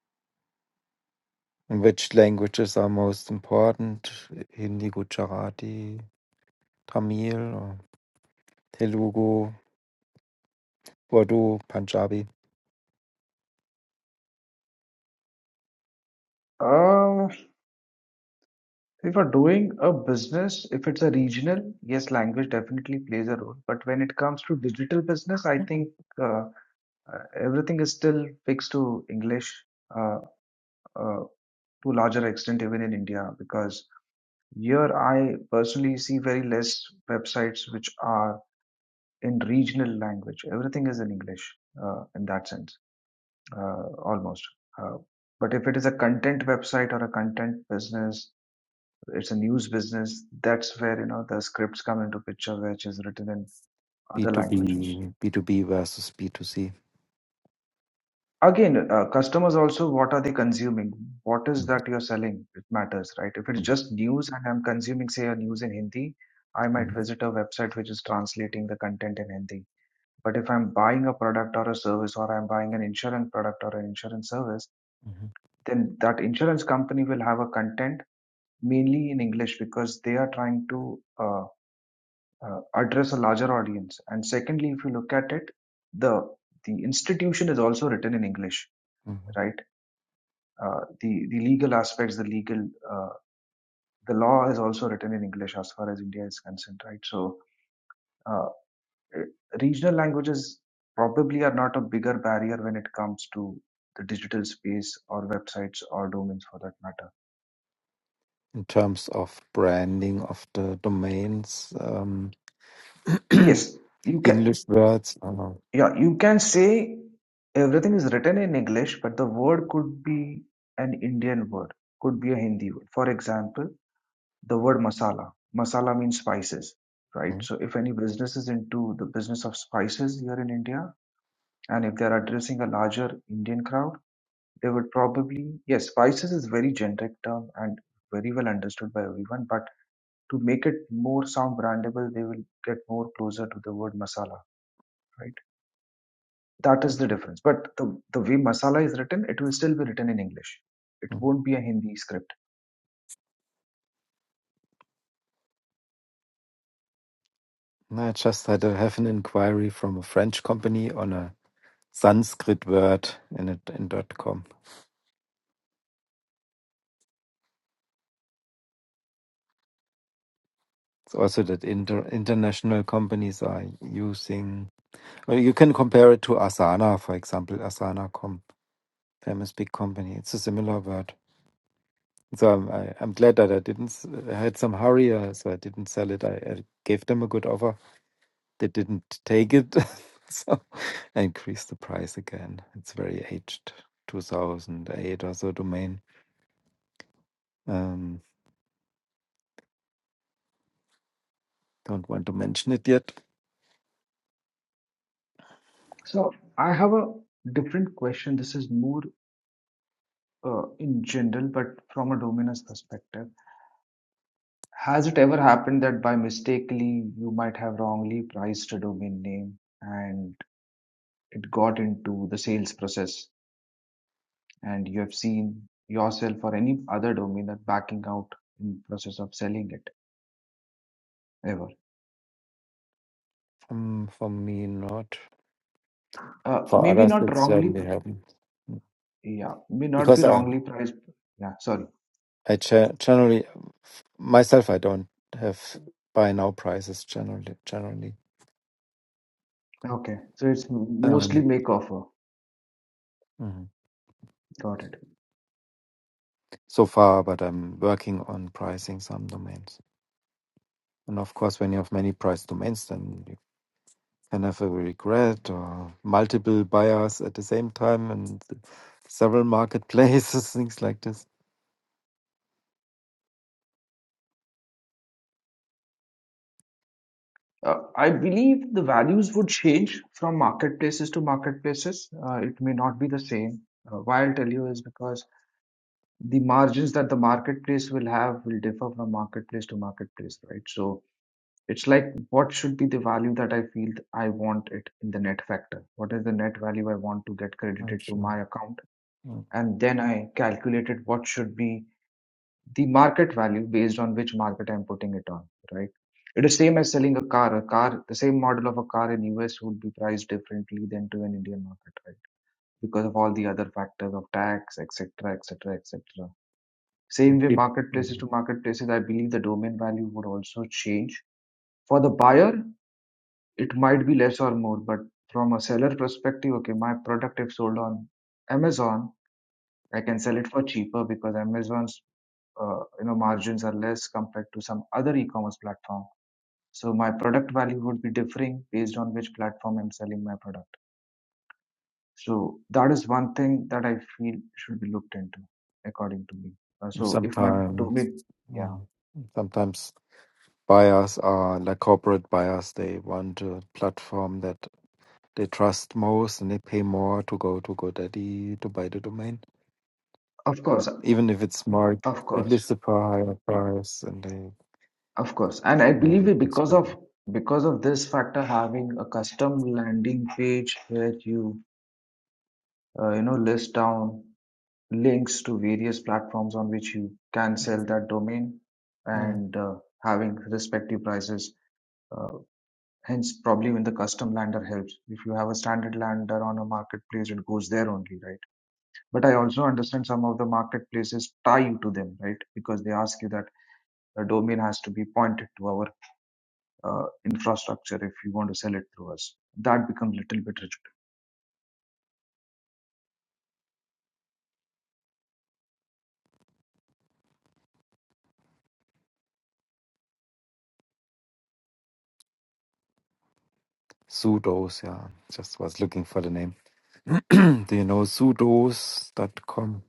S2: And Which languages are most important? Hindi, Gujarati, Tamil, or Telugu, Urdu, Punjabi,
S5: Uh, if you're doing a business, if it's a regional, yes, language definitely plays a role. But when it comes to digital business, I think uh, uh, everything is still fixed to English uh, uh, to larger extent, even in India, because here I personally see very less websites which are in regional language. Everything is in English uh, in that sense. uh, almost. Uh, but if it is a content website or a content business, it's a news business. That's where you know the scripts come into picture, which is written in other languages.
S2: B2B, B2B versus B2C.
S5: Again, uh, customers also, what are they consuming? What is
S2: Mhm,
S5: that you're selling? It matters, right? If it's just news and I'm consuming, say, a news in Hindi, I might
S2: mhm,
S5: visit a website which is translating the content in Hindi. But if I'm buying a product or a service, or I'm buying an insurance product or an insurance service,
S2: mhm,
S5: then that insurance company will have a content mainly in English because they are trying to uh, uh, address a larger audience. And secondly, if you look at it, the the institution is also written in English,
S2: mhm.
S5: right? Uh, the the legal aspects, the legal uh, the law is also written in English as far as India is concerned, right? So uh, regional languages probably are not a bigger barrier when it comes to the digital space or websites or domains for that matter.
S2: In terms of branding of the domains, um,
S5: Yes, you can.
S2: English words. I know.
S5: Yeah, you can say everything is written in English, but the word could be an Indian word, could be a Hindi word. For example, the word masala. Masala means spices, right?
S2: Mm,
S5: So if any business is into the business of spices here in India, and if they're addressing a larger Indian crowd, they would probably, yes, spices is very generic term and very well understood by everyone, but to make it more sound brandable, they will get more closer to the word masala, right? that is the difference. But the, the way masala is written, it will still be written in English. It
S2: mm.
S5: won't be a Hindi script.
S2: No, I just had to have an inquiry from a French company on a Sanskrit word in it in dot com. It's also that inter, international companies are using. Well, you can compare it to Asana, for example. Asana.com, famous big company. It's a similar word. So I'm I, I'm glad that I didn't. s- I had some hurry, uh, so I didn't sell it. I, I gave them a good offer. They didn't take it, so I increased the price again. It's very aged, 2008 or so domain. Um, don't want to mention it yet.
S5: So I have a different question. This is more uh, in general, but from a dominer's perspective. Has it ever happened that by mistakenly you might have wrongly priced a domain name and it got into the sales process and you have seen yourself or any other domainer backing out in the process of selling it ever?
S2: Um, for me, not.
S5: Uh,
S2: For
S5: maybe
S2: others,
S5: not
S2: it certainly
S5: wrongly
S2: happened
S5: Yeah, may not
S2: because
S5: be
S2: I
S5: wrongly priced. Yeah, sorry.
S2: I cha- generally myself I don't have buy now prices generally generally.
S5: Okay, so it's mostly
S2: Um,
S5: make offer.
S2: mm-hmm.
S5: Got it.
S2: so far, but I'm working on pricing some domains. And of course, when you have many price domains, then you can have a regret or multiple buyers at the same time and several marketplaces, things like this.
S5: Uh, I believe the values would change from marketplaces to marketplaces. Uh, it may not be the same. Uh, why I'll tell you is because the margins that the marketplace will have will differ from marketplace to marketplace, right? So it's like what should be the value that I feel th- I want it in the net factor? What is the net value I want to get
S2: I'm
S5: credited to
S2: sure.
S5: my account?
S2: Mm,
S5: And then I calculated what should be the market value based on which market I'm putting it on, right? It is same as selling a car. A car, the same model of a car in US would be priced differently than to an Indian market, right? Because of all the other factors of tax, etc., etc., etc.
S2: and
S5: Same way,
S2: peop-
S5: marketplaces
S2: mm,
S5: to marketplaces, I believe the domain value would also change. For the buyer, it might be less or more, but from a seller perspective, okay, my product if sold on Amazon, I can sell it for cheaper because Amazon's uh, you know margins are less compared to some other e-commerce platform so my product value would be differing based on which platform i'm selling my product so that is one thing that i feel should be looked into according to me Uh, so if my domain
S2: Sometimes,
S5: yeah
S2: mm, sometimes buyers are like corporate buyers. They want a platform that they trust most, and they pay more to go to GoDaddy to buy the domain.
S5: of course
S2: even if it's marked
S5: of
S2: at
S5: course
S2: least for a far higher price and they
S5: of course and i
S2: move
S5: believe
S2: it
S5: it
S2: it's
S5: because of
S2: been
S5: because of this factor having a custom landing page where you uh, you know list down links to various platforms on which you can sell that domain
S2: mm.
S5: and uh, having respective prices. Uh, hence, probably when the custom lander helps. If you have a standard lander on a marketplace, it goes there only, right? But I also understand some of the marketplaces tie you to them, right? Because they ask you that the domain has to be pointed to our uh, infrastructure if you want to sell it through us. That becomes a little bit rich.
S2: sudos yeah just was looking for the name do you know sudos dot com?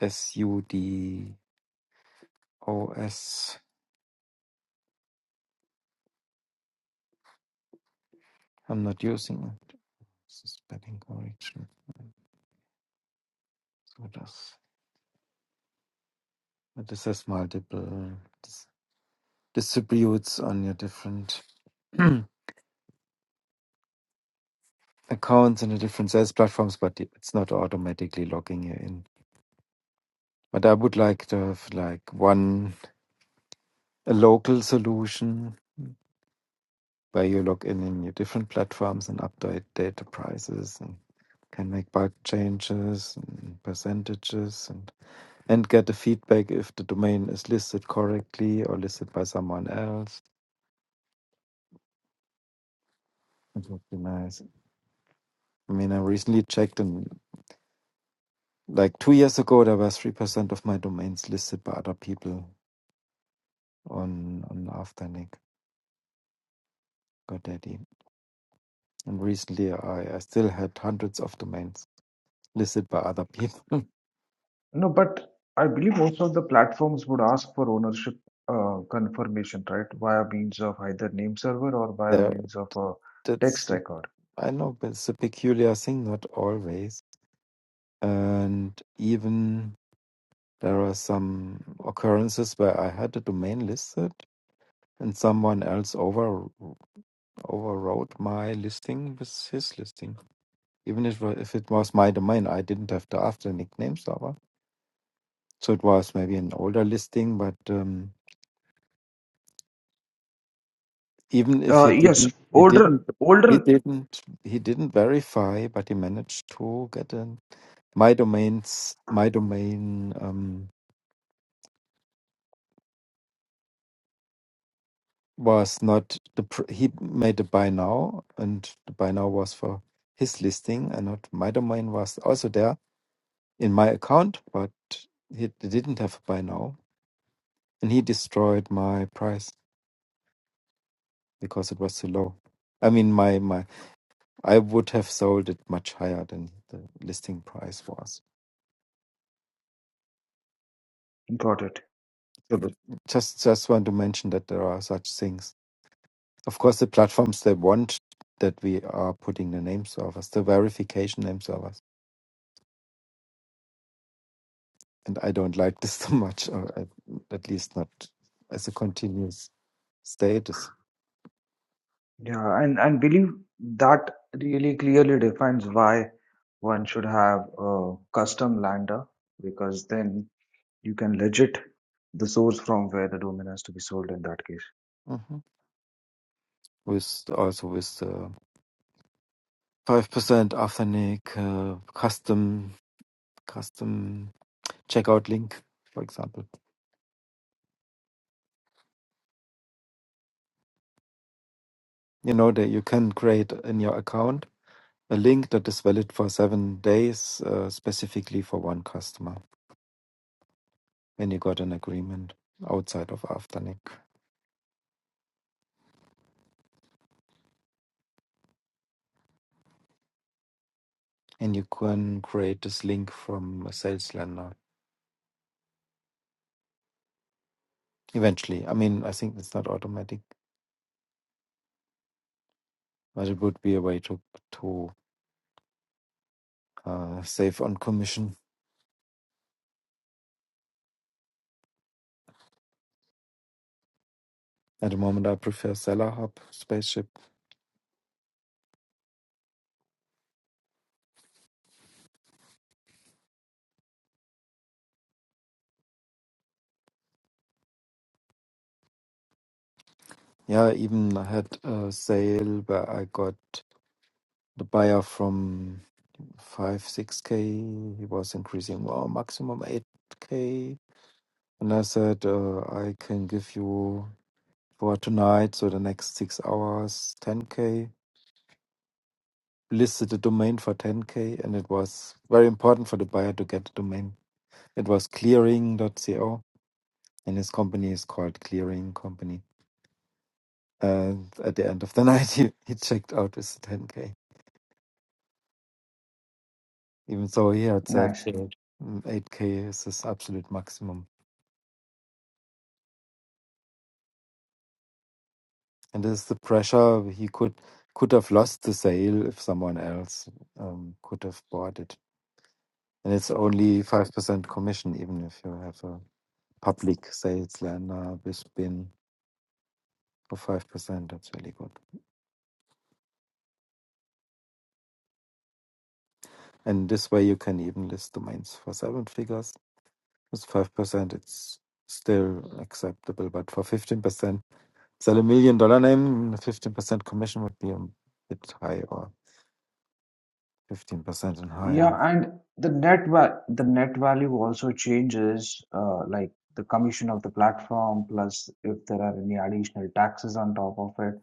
S2: s-u-d-o-s i'm not using it this is spelling correction sudos but this has multiple dis- distributes on your different accounts and the different sales platforms but it's not automatically logging you in But I would like to have like one a local solution where you log in in your different platforms and update data prices and can make bulk changes and percentages and and get the feedback if the domain is listed correctly or listed by someone else. It would be nice. I mean, I recently checked and like two years ago there were three percent of my domains listed by other people on on Afternic GoDaddy. And recently I, I still had hundreds of domains listed by other people.
S5: No, but I believe most of the platforms would ask for ownership uh, confirmation, right? Via means of either name server or via
S2: there,
S5: means of a text
S2: that's
S5: record.
S2: I know, but it's a peculiar thing. Not always, and even there are some occurrences where I had a domain listed and someone else over overrode my listing with his listing. Even if if it was my domain, I didn't have to ask the nickname server. So it was maybe an older listing, but um, even if
S5: Uh,
S2: he
S5: yes,
S2: didn't, he
S5: older,
S2: didn't, he
S5: older,
S2: didn't, he didn't verify, but he managed to get a. my domains my domain um, was not the pr- he made a buy now and the buy now was for his listing and not my domain was also there in my account but he didn't have a buy now and he destroyed my price because it was too low i mean my my i would have sold it much higher than the listing price was
S5: got it.
S2: so the- just just want to mention that there are such things Of course, the platforms they want that we are putting the name servers, the verification name servers. And I don't like this so much, or I, at least not as a continuous status.
S5: Yeah, and and believe that really clearly defines why one should have a custom lander because then you can legit the source from where the domain has to be sold in that case.
S2: hmm With also with the five percent authentic uh, custom custom checkout link, for example. you know that you can create in your account a link that is valid for seven days uh, specifically for one customer when you got an agreement outside of afternic and you can create this link from a sales lender eventually i mean i think it's not automatic but it would be a way to to uh, save on commission at the moment i prefer seller hub spaceship yeah even i had a sale where i got the buyer from five, six k. He was increasing well, maximum eight k. And I said, uh, I can give you for tonight, so the next six hours, ten k. Listed the domain for ten k, and it was very important for the buyer to get the domain. It was Clearing dot co, and his company is called Clearing Company. And at the end of the night, he, he checked out with ten k. Even so, he had said
S5: Nice.
S2: uh, mm, eight k is his absolute maximum And there's the pressure he could could have lost the sale if someone else um, could have bought it. And it's only five percent commission, even if you have a public sales lender with bin for five percent. That's really good. And this way, you can even list domains for seven figures with five percent. It's still acceptable, but for fifteen percent, sell a million dollar name, fifteen percent commission would be a bit high, or fifteen percent and
S5: Yeah,
S2: higher.
S5: and the net va the net value also changes, uh, like the commission of the platform, plus if there are any additional taxes on top of it,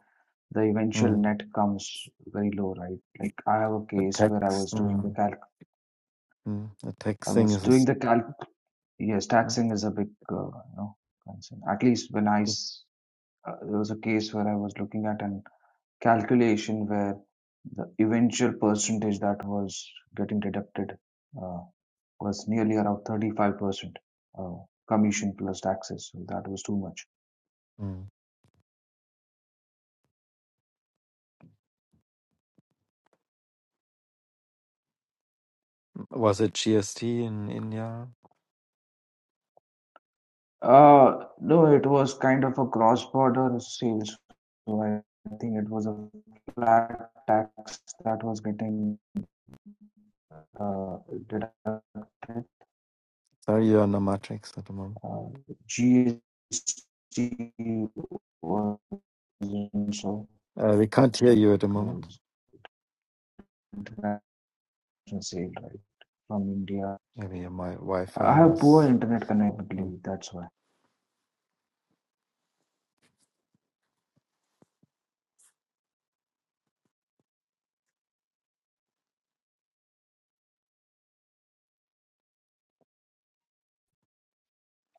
S5: the eventual
S2: Mm.
S5: net comes very low, right? Like I have a
S2: The
S5: case where I
S2: tax.
S5: was doing
S2: hmm.
S5: the calc,
S2: Mm, the
S5: I
S2: text thing
S5: was
S2: is.
S5: doing
S2: is-
S5: the calc. Yes,
S2: mm,
S5: taxing is a big, uh, you know, concern. At least when I
S2: mm.
S5: s uh, there was a case where I was looking at an calculation where the eventual percentage that was getting deducted. uh, was nearly around 35% uh, commission plus taxes. So that was too much.
S2: Mm. Was it GST in India?
S5: Uh, no, it was kind of a cross border sales. So I think it was a flat tax that was getting uh, deducted.
S2: Sorry, you're on the matrix at the moment.
S5: Uh, GST was also
S2: Uh, we can't hear you at the moment.
S5: international sale, right? From India.
S2: Maybe my Wi
S5: I
S2: Fi
S5: have poor
S2: was.
S5: internet
S2: Mm.
S5: connectivity, that's why.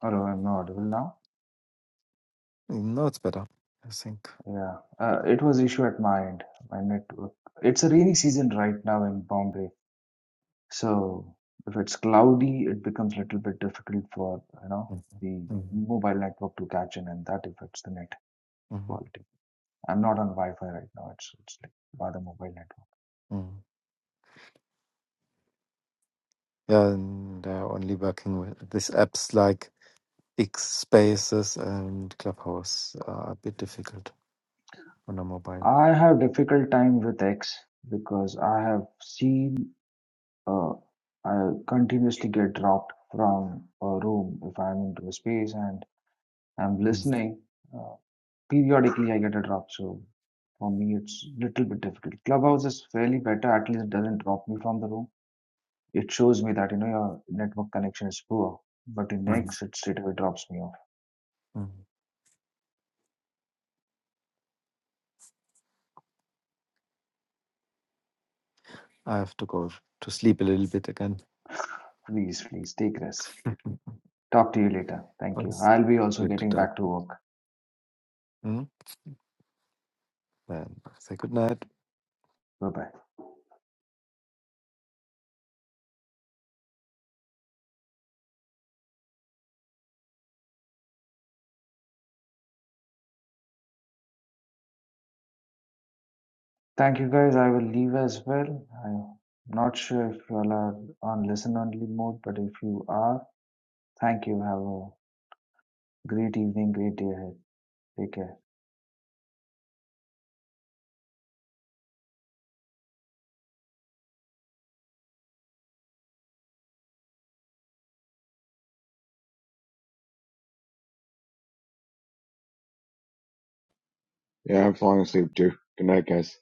S5: Hello, I'm not audible now.
S2: No, it's better, I think.
S5: Yeah, uh, it was issue at my end, my network. It's a rainy season right now in Bombay, so if it's cloudy, it becomes a little bit difficult for, you know,
S2: Mhm.
S5: the
S2: Mhm.
S5: mobile network to catch in, and that affects the net
S2: Mhm.
S5: quality. I'm not on Wi-Fi right now. It's it's like rather mobile network.
S2: Mhm. Yeah, and they're only working with these apps like X Spaces and Clubhouse are a bit difficult on a mobile.
S5: I have difficult time with X because I have seen uh, I continuously get dropped from a room if I'm into a space and I'm
S2: Mm,
S5: listening. uh, Periodically I get a drop, so for me it's little bit difficult. Clubhouse is fairly better, at least it doesn't drop me from the room. It shows me that you know your network connection is poor. But in
S2: mm,
S5: next it straight away drops me off.
S2: mm. I have to go to sleep a little bit again.
S5: Please, please take rest. Talk to you later. Thank you.
S2: It's
S5: I'll be also
S2: good to
S5: getting
S2: talk.
S5: back to work.
S2: Mm? Then say good night.
S5: Bye bye. Thank you guys. I will leave as well. I'm not sure if you all are on listen only mode, but if you are, thank you. Have a great evening, great day ahead. Take care.
S4: Yeah, I'm falling asleep too. Good night, guys.